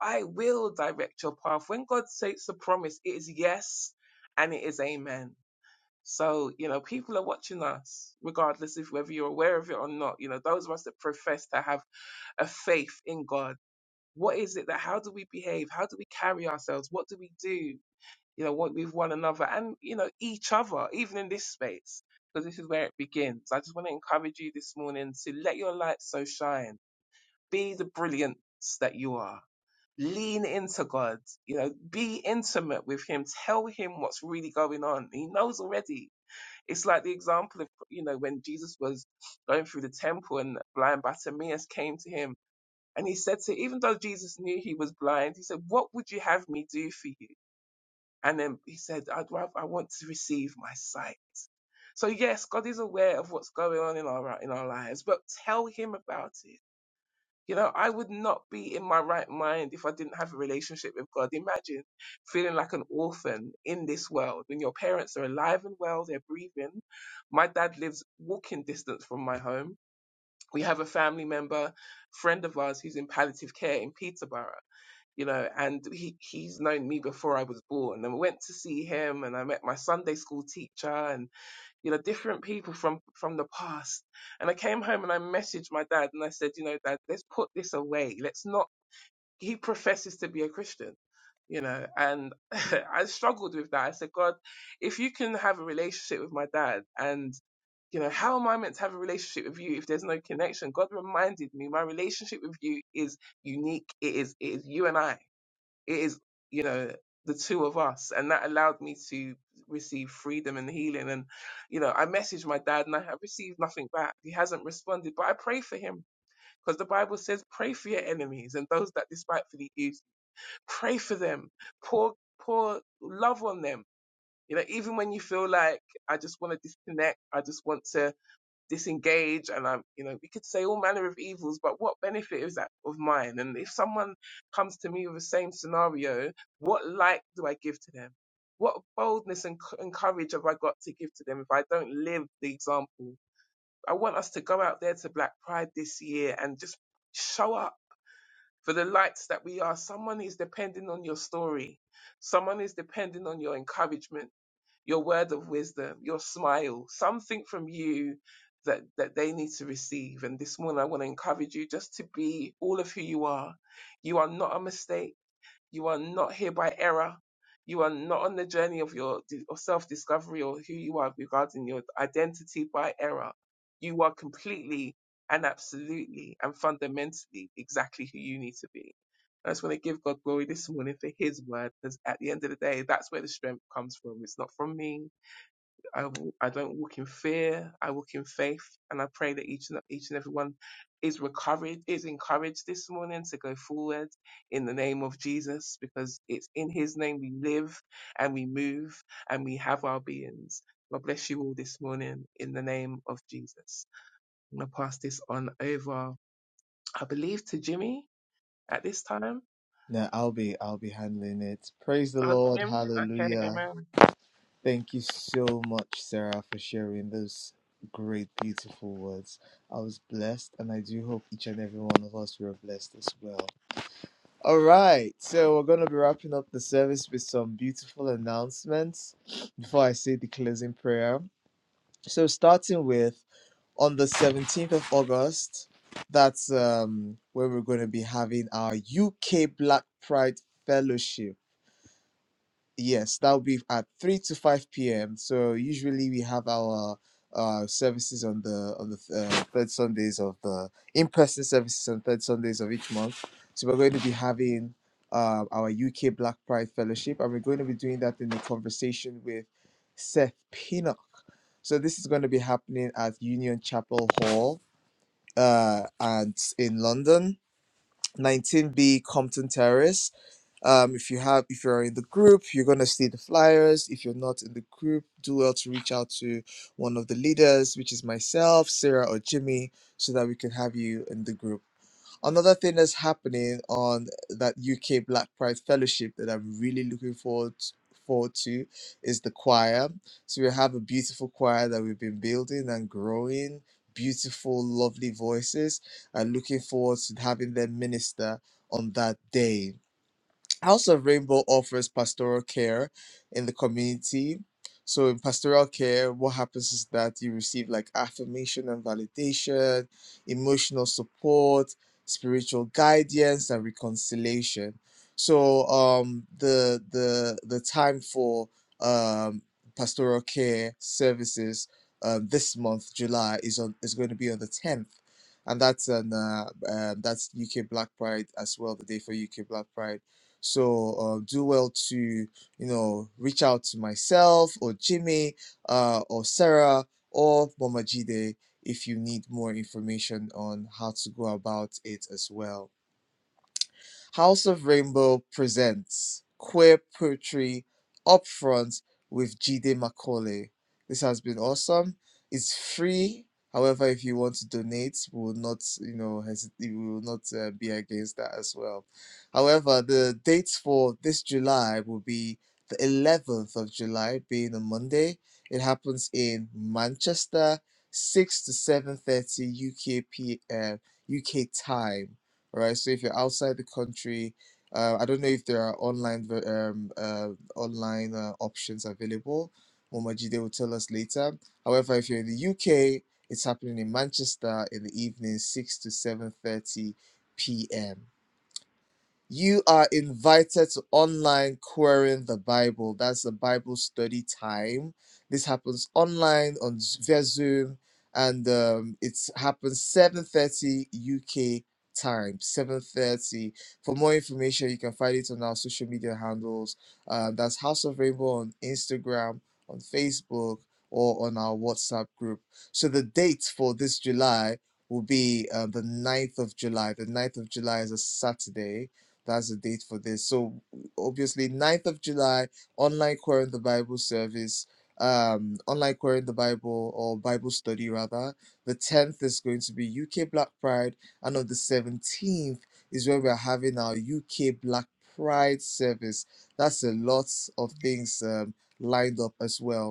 [SPEAKER 1] I will direct your path. When God takes a promise, it is yes and it is amen. So, you know, people are watching us, regardless if whether you're aware of it or not. You know, those of us that profess to have a faith in God, what is it that, how do we behave? How do we carry ourselves? What do we do? You know, what with one another and, you know, each other, even in this space, because this is where it begins. I just want to encourage you this morning to let your light so shine be the brilliance that you are. Lean into God. You know, be intimate with Him. Tell Him what's really going on. He knows already. It's like the example of, you know, when Jesus was going through the temple and blind Bartimaeus came to him and he said to, even though Jesus knew he was blind, he said, what would you have me do for you? And then he said, I'd rather, I want to receive my sight. So yes, God is aware of what's going on in our, in our lives, but tell him about it you know, I would not be in my right mind if I didn't have a relationship with God. Imagine feeling like an orphan in this world when your parents are alive and well, they're breathing. My dad lives walking distance from my home. We have a family member, friend of ours, who's in palliative care in Peterborough. You know, and he, he's known me before I was born. And we went to see him, and I met my Sunday school teacher, and you know, different people from from the past. And I came home and I messaged my dad and I said, you know, dad, let's put this away. Let's not. He professes to be a Christian, you know, and <laughs> I struggled with that. I said, God, if you can have a relationship with my dad and you know, how am I meant to have a relationship with you if there's no connection? God reminded me my relationship with you is unique. It is, it is you and I it is you know the two of us and that allowed me to receive freedom and healing and you know i messaged my dad and i have received nothing back he hasn't responded but i pray for him because the bible says pray for your enemies and those that despitefully use pray for them pour pour love on them you know even when you feel like i just want to disconnect i just want to disengage and I'm, you know, we could say all manner of evils, but what benefit is that of mine? And if someone comes to me with the same scenario, what light do I give to them? What boldness and, c- and courage have I got to give to them if I don't live the example? I want us to go out there to Black Pride this year and just show up for the lights that we are. Someone is depending on your story. Someone is depending on your encouragement your word of wisdom, your smile, something from you that, that they need to receive. And this morning, I want to encourage you just to be all of who you are. You are not a mistake. You are not here by error. You are not on the journey of your of self discovery or who you are regarding your identity by error. You are completely and absolutely and fundamentally exactly who you need to be. I just want to give God glory this morning for His word because at the end of the day, that's where the strength comes from. It's not from me. I I w- I don't walk in fear. I walk in faith, and I pray that each and each and everyone is recovered, is encouraged this morning to go forward in the name of Jesus, because it's in His name we live and we move and we have our beings. God bless you all this morning in the name of Jesus. I'm gonna pass this on over, I believe, to Jimmy at this time.
[SPEAKER 3] Now I'll be I'll be handling it. Praise the
[SPEAKER 1] Oh,
[SPEAKER 3] Lord.
[SPEAKER 1] Jim. Okay,
[SPEAKER 3] Hallelujah.
[SPEAKER 1] Amen.
[SPEAKER 3] Thank you so much, Sarah, for sharing those great, beautiful words. I was blessed, and I do hope each and every one of us were blessed as well. All right, so we're going to be wrapping up the service with some beautiful announcements before I say the closing prayer. So, starting with on the 17th of August, that's um, where we're going to be having our UK Black Pride Fellowship Yes, that will be at 3 to 5 p.m. So usually we have our uh, services on the on the uh, third Sundays of the in-person services on third Sundays of each month. So we're going to be having uh, our UK Black Pride Fellowship, and we're going to be doing that in a conversation with Seth Pinnock. So this is going to be happening at Union Chapel Hall, uh, and in London, 19B Compton Terrace. Um, if you have, if you're in the group, you're gonna see the flyers. If you're not in the group, do well to reach out to one of the leaders, which is myself, Sarah, or Jimmy, so that we can have you in the group. Another thing that's happening on that UK Black Pride Fellowship that I'm really looking forward forward to is the choir. So we have a beautiful choir that we've been building and growing. Beautiful, lovely voices. I'm looking forward to having them minister on that day House of Rainbow offers pastoral care in the community. So in pastoral care, what happens is that you receive like affirmation and validation, emotional support, spiritual guidance, and reconciliation. So um the the the time for um pastoral care services um, this month, July, is on is going to be on the tenth. And that's an uh, um, that's UK Black Pride as well, the day for UK Black Pride so uh, do well to you know reach out to myself or Jimmy uh, or Sarah or Mama Jide if you need more information on how to go about it as well. House of Rainbow presents queer poetry upfront with Jide Makole. This has been awesome. It's free. However, if you want to donate, we will not, you know, hesit- we will not uh, be against that as well. However, the dates for this July will be the 11th of July, being a Monday. It happens in Manchester, 6 to 7:30 UK P, uh, UK time right? So if you're outside the country, uh, I don't know if there are online ver- um, uh, online uh, options available. Momajide will tell us later. However, if you're in the UK, it's happening in Manchester in the evening, six to seven thirty p.m. You are invited to online querying the Bible. That's the Bible study time. This happens online on Z- via Zoom, and um, it happens seven thirty UK time. Seven thirty. For more information, you can find it on our social media handles. Uh, that's House of Rainbow on Instagram, on Facebook, or on our WhatsApp group. So the date for this July will be uh, the ninth of July. The ninth of July is a Saturday that's the date for this. So obviously ninth of July, online querying the Bible service, um, online querying the Bible or Bible study rather. The 10th is going to be UK Black Pride, and on the 17th is where we're having our UK Black Pride service. That's a lot of things um, lined up as well.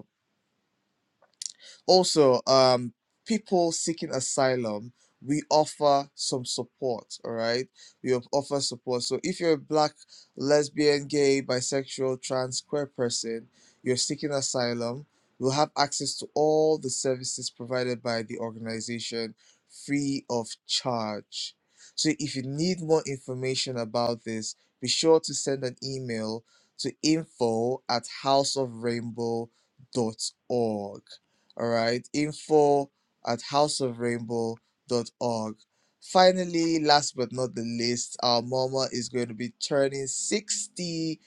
[SPEAKER 3] Also, um, people seeking asylum, we offer some support. All right, we of- offer support. So if you're a black, lesbian, gay, bisexual, trans, queer person, you're seeking asylum, you'll have access to all the services provided by the organization free of charge. So if you need more information about this, be sure to send an email to info at houseofrainbow dot org. All right, info at houseofrainbow.org. Finally, last but not the least, our mama is going to be turning 60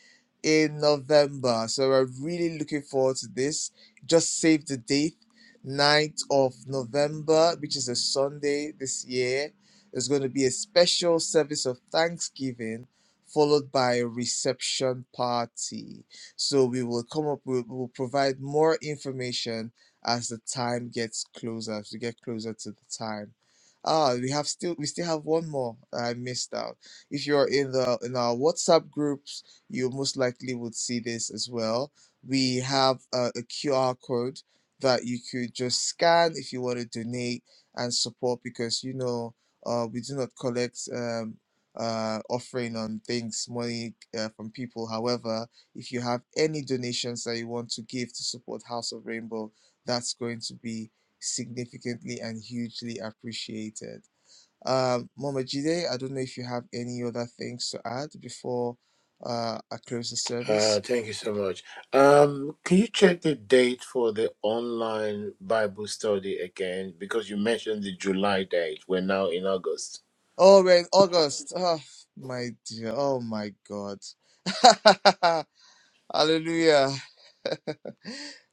[SPEAKER 3] in November. So we're really looking forward to this. Just save the date, ninth of November, which is a Sunday this year. There's going to be a special service of thanksgiving followed by a reception party. So we will come up with, we will provide more information as the time gets closer, as we get closer to the time. Ah, we have still we still have one more that I missed out. If you're in the in our WhatsApp groups, you most likely would see this as well. We have a, QR code that you could just scan if you want to donate and support because you know uh, we do not collect um, uh, offering on things money uh, from people. However, if you have any donations that you want to give to support House of Rainbow, that's going to be significantly and hugely appreciated. Um, Mama Jide, I don't know if you have any other things to add before uh, I close the
[SPEAKER 2] Uh,
[SPEAKER 3] service.
[SPEAKER 2] thank you so much. Um, can you check the date for the online Bible study again? Because you mentioned the July date. We're now in August.
[SPEAKER 3] Oh, we're in August. Oh, my dear. Oh, my God. <laughs> Hallelujah. <laughs>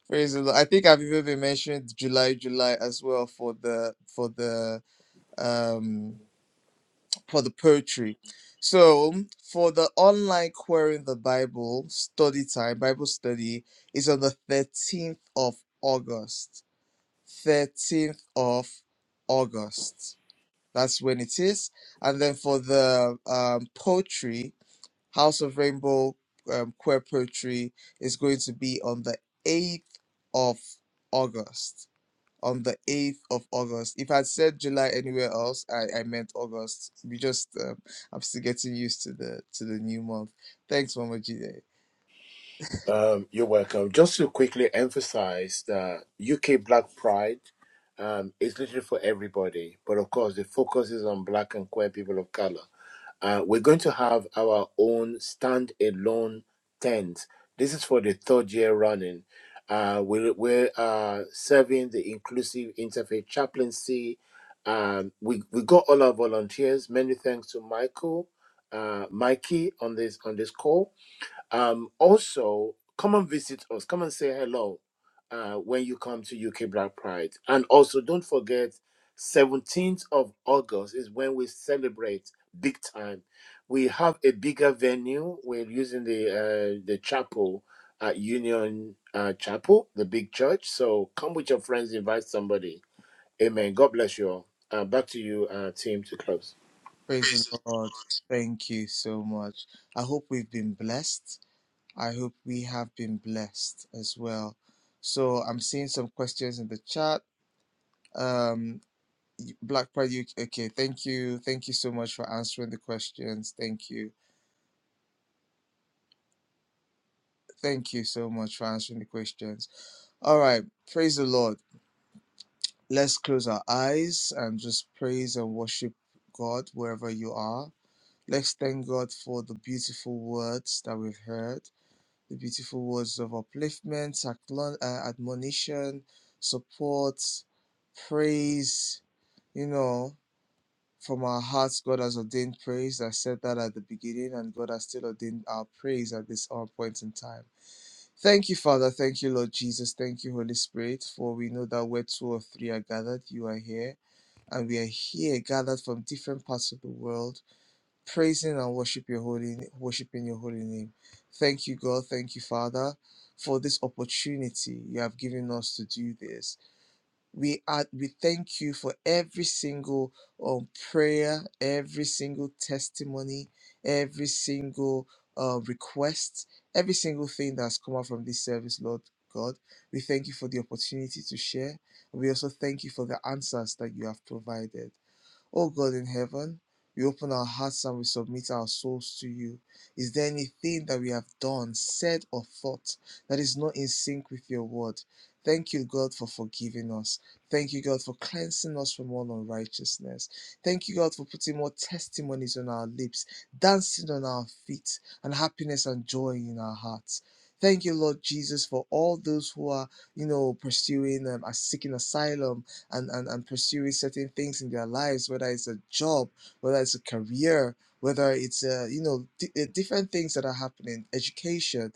[SPEAKER 3] Praise the Lord. I think I've even been mentioned July, July as well for the for the um for the poetry. So, for the online Querying the Bible study time, Bible study is on the 13th of August. 13th of August. That's when it is. And then for the um, poetry, House of Rainbow um, Queer Poetry is going to be on the 8th of August on the 8th of August. If I said July anywhere else, I, I meant August. We just um, I'm still getting used to the to the new month. Thanks, Mama Jide.
[SPEAKER 2] Um, you're welcome. Just to quickly emphasize that UK Black Pride um, is literally for everybody, but of course, the focus is on Black and queer people of color. Uh, we're going to have our own stand-alone tent. This is for the third year running. Uh, we're we're uh, serving the inclusive interfaith chaplaincy. Um, we we got all our volunteers. Many thanks to Michael, uh, Mikey on this on this call. Um, also, come and visit us. Come and say hello uh, when you come to UK Black Pride. And also, don't forget, 17th of August is when we celebrate big time. We have a bigger venue. We're using the uh, the chapel at Union uh, Chapel, the big church. So come with your friends, invite somebody. Amen. God bless you all. Uh, back to you, uh, team, to close.
[SPEAKER 3] Praise the Lord. Thank you so much. I hope we've been blessed. I hope we have been blessed as well. So I'm seeing some questions in the chat. Um, Black Pride UK. Okay, thank you. Thank you so much for answering the questions. Thank you. Thank you so much for answering the questions. All right, praise the Lord. Let's close our eyes and just praise and worship God wherever you are. Let's thank God for the beautiful words that we've heard, the beautiful words of upliftment, admon- uh, admonition, support, praise, you know From our hearts, God has ordained praise. I said that at the beginning, and God has still ordained our praise at this hour point in time. Thank you, Father. Thank you, Lord Jesus. Thank you, Holy Spirit, for we know that where two or three are gathered, you are here. And we are here gathered from different parts of the world, praising and worship your holy, worshiping your holy name. Thank you, God. Thank you, Father, for this opportunity you have given us to do this we are we thank you for every single um, prayer every single testimony every single uh, request every single thing that's come out from this service lord god we thank you for the opportunity to share we also thank you for the answers that you have provided O God in heaven, we open our hearts and we submit our souls to you. Is there anything that we have done, said, or thought that is not in sync with your word? Thank you, God, for forgiving us. Thank you, God, for cleansing us from all unrighteousness. Thank you, God, for putting more testimonies on our lips, dancing on our feet, and happiness and joy in our hearts. Thank you, Lord Jesus, for all those who are, you know, pursuing um, are seeking asylum and, and, and pursuing certain things in their lives, whether it's a job, whether it's a career, whether it's, uh, you know, di uh, different things that are happening, education.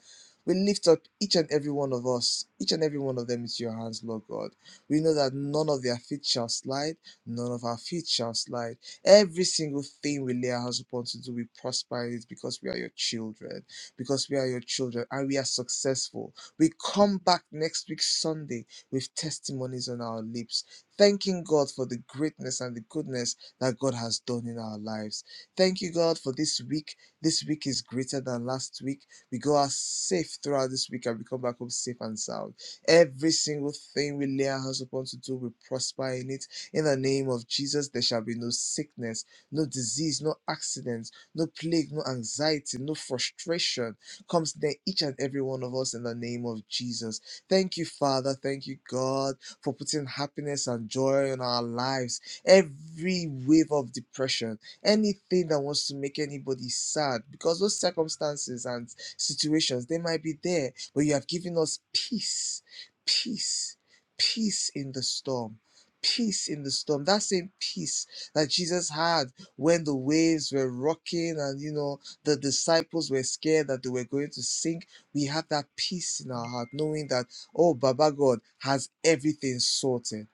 [SPEAKER 3] We lift up each and every one of us, each and every one of them into your hands, Lord God. We know that none of their feet shall slide, none of our feet shall slide. Every single thing we lay our hands upon to do, we prosper in it because we are your children, because we are your children and we are successful. We come back next week, Sunday, with testimonies on our lips. Thanking God for the greatness and the goodness that God has done in our lives. Thank you, God, for this week. This week is greater than last week. We go out safe throughout this week and we come back home safe and sound. Every single thing we lay our hands upon to do, we prosper in it. In the name of Jesus, there shall be no sickness, no disease, no accidents, no plague, no anxiety, no frustration comes near each and every one of us in the name of Jesus. Thank you, Father. Thank you, God for putting happiness and joy in our lives. Every wave of depression, anything that wants to make anybody sad, because those circumstances and situations, they might be there, but you have given us peace, peace, peace in the storm. Peace in the storm. That same peace that Jesus had when the waves were rocking and you know the disciples were scared that they were going to sink. We have that peace in our heart, knowing that Oh, Baba God has everything sorted.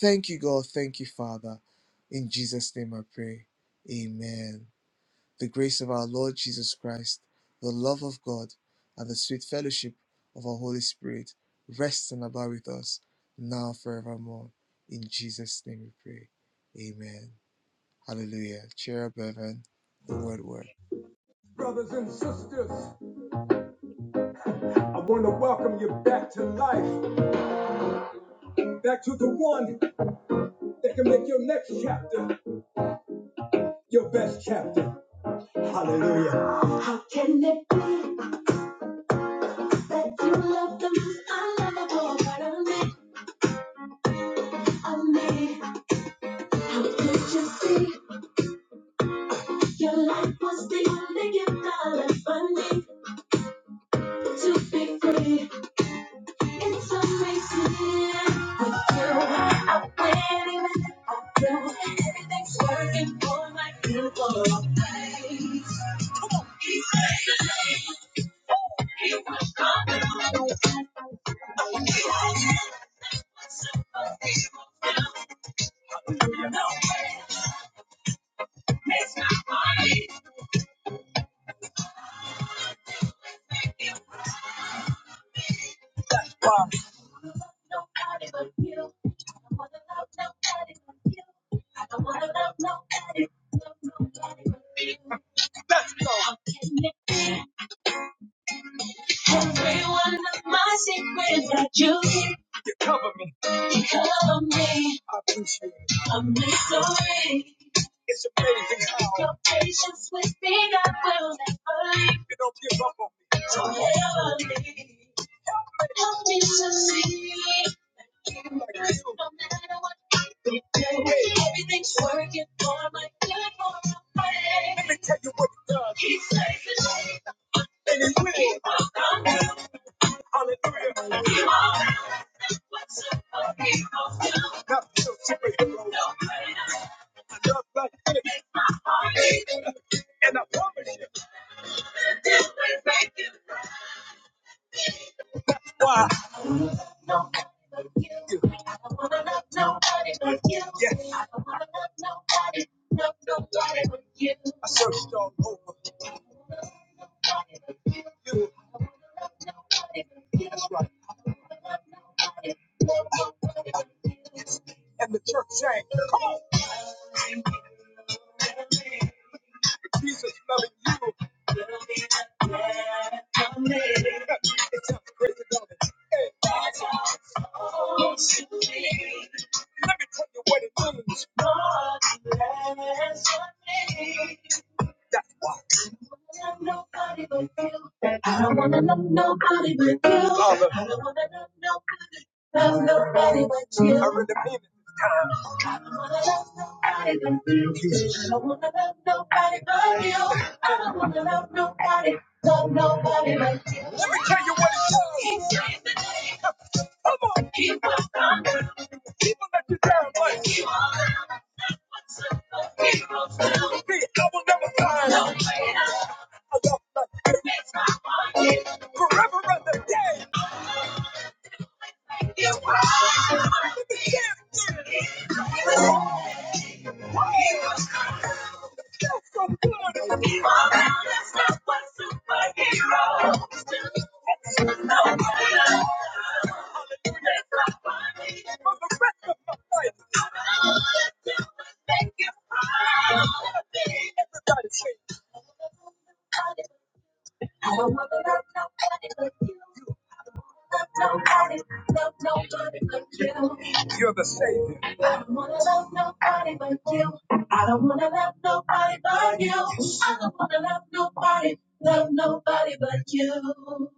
[SPEAKER 3] Thank you, God. Thank you, Father. In Jesus' name I pray. Amen. The grace of our Lord Jesus Christ, the love of God, and the sweet fellowship of our Holy Spirit rest and abide with us now and forevermore. In Jesus' name we pray. Amen. Hallelujah. Cheer up, Evan. The word works.
[SPEAKER 1] Brothers and sisters, I want to welcome you back to life, back to the one. that can make your next chapter your best chapter. Hallelujah. How can it be that you love the most unlovable part of me? Of me? How could you see your life was the only gift I left for me to be free? It's amazing. With you, I win even if I do. Everything's working for my good. It's my body. Let's go. How can it be? Every one of my secrets that you keep you cover me. I'm sorry. It's amazing how your patience with me, God will never leave. You don't give up on me. Don't ever leave. Help me to see that you are good no matter what I do. Everything's working for my good, for my way. He saves the day. He walks on me. Hallelujah. He walks on me. What's up, he walks on me. Not so superhero. I love like this, and I promise you, this will make you. I don't don't wanna wanna love nobody but you. I don't wanna love nobody nobody, nobody but but you. you. I I searched all over. Nobody but you. I don't wanna love nobody. but you. That's right. I don't wanna love nobody. love Nobody but you. And the church sang, Come on. Jesus loving you. It's time for grace and glory. Hey. Let me tell you what it means. I don't wanna love nobody but you. I don't wanna love nobody love nobody but you. I don't wanna love nobody but you. I don't wanna love nobody, love nobody but you. Let me tell you what it's called. Keep praising me. Come on. Keep on coming. You damn right. Keep on coming. That's what superheroes do. Keep on. No way to fix my heart. You do it, make it right. Yeah. I don't wanna love nobody but you. I don't wanna love nobody, love nobody but you. You're the savior. I don't wanna love nobody but you. I don't wanna love nobody but you. I don't wanna love nobody, love nobody but you.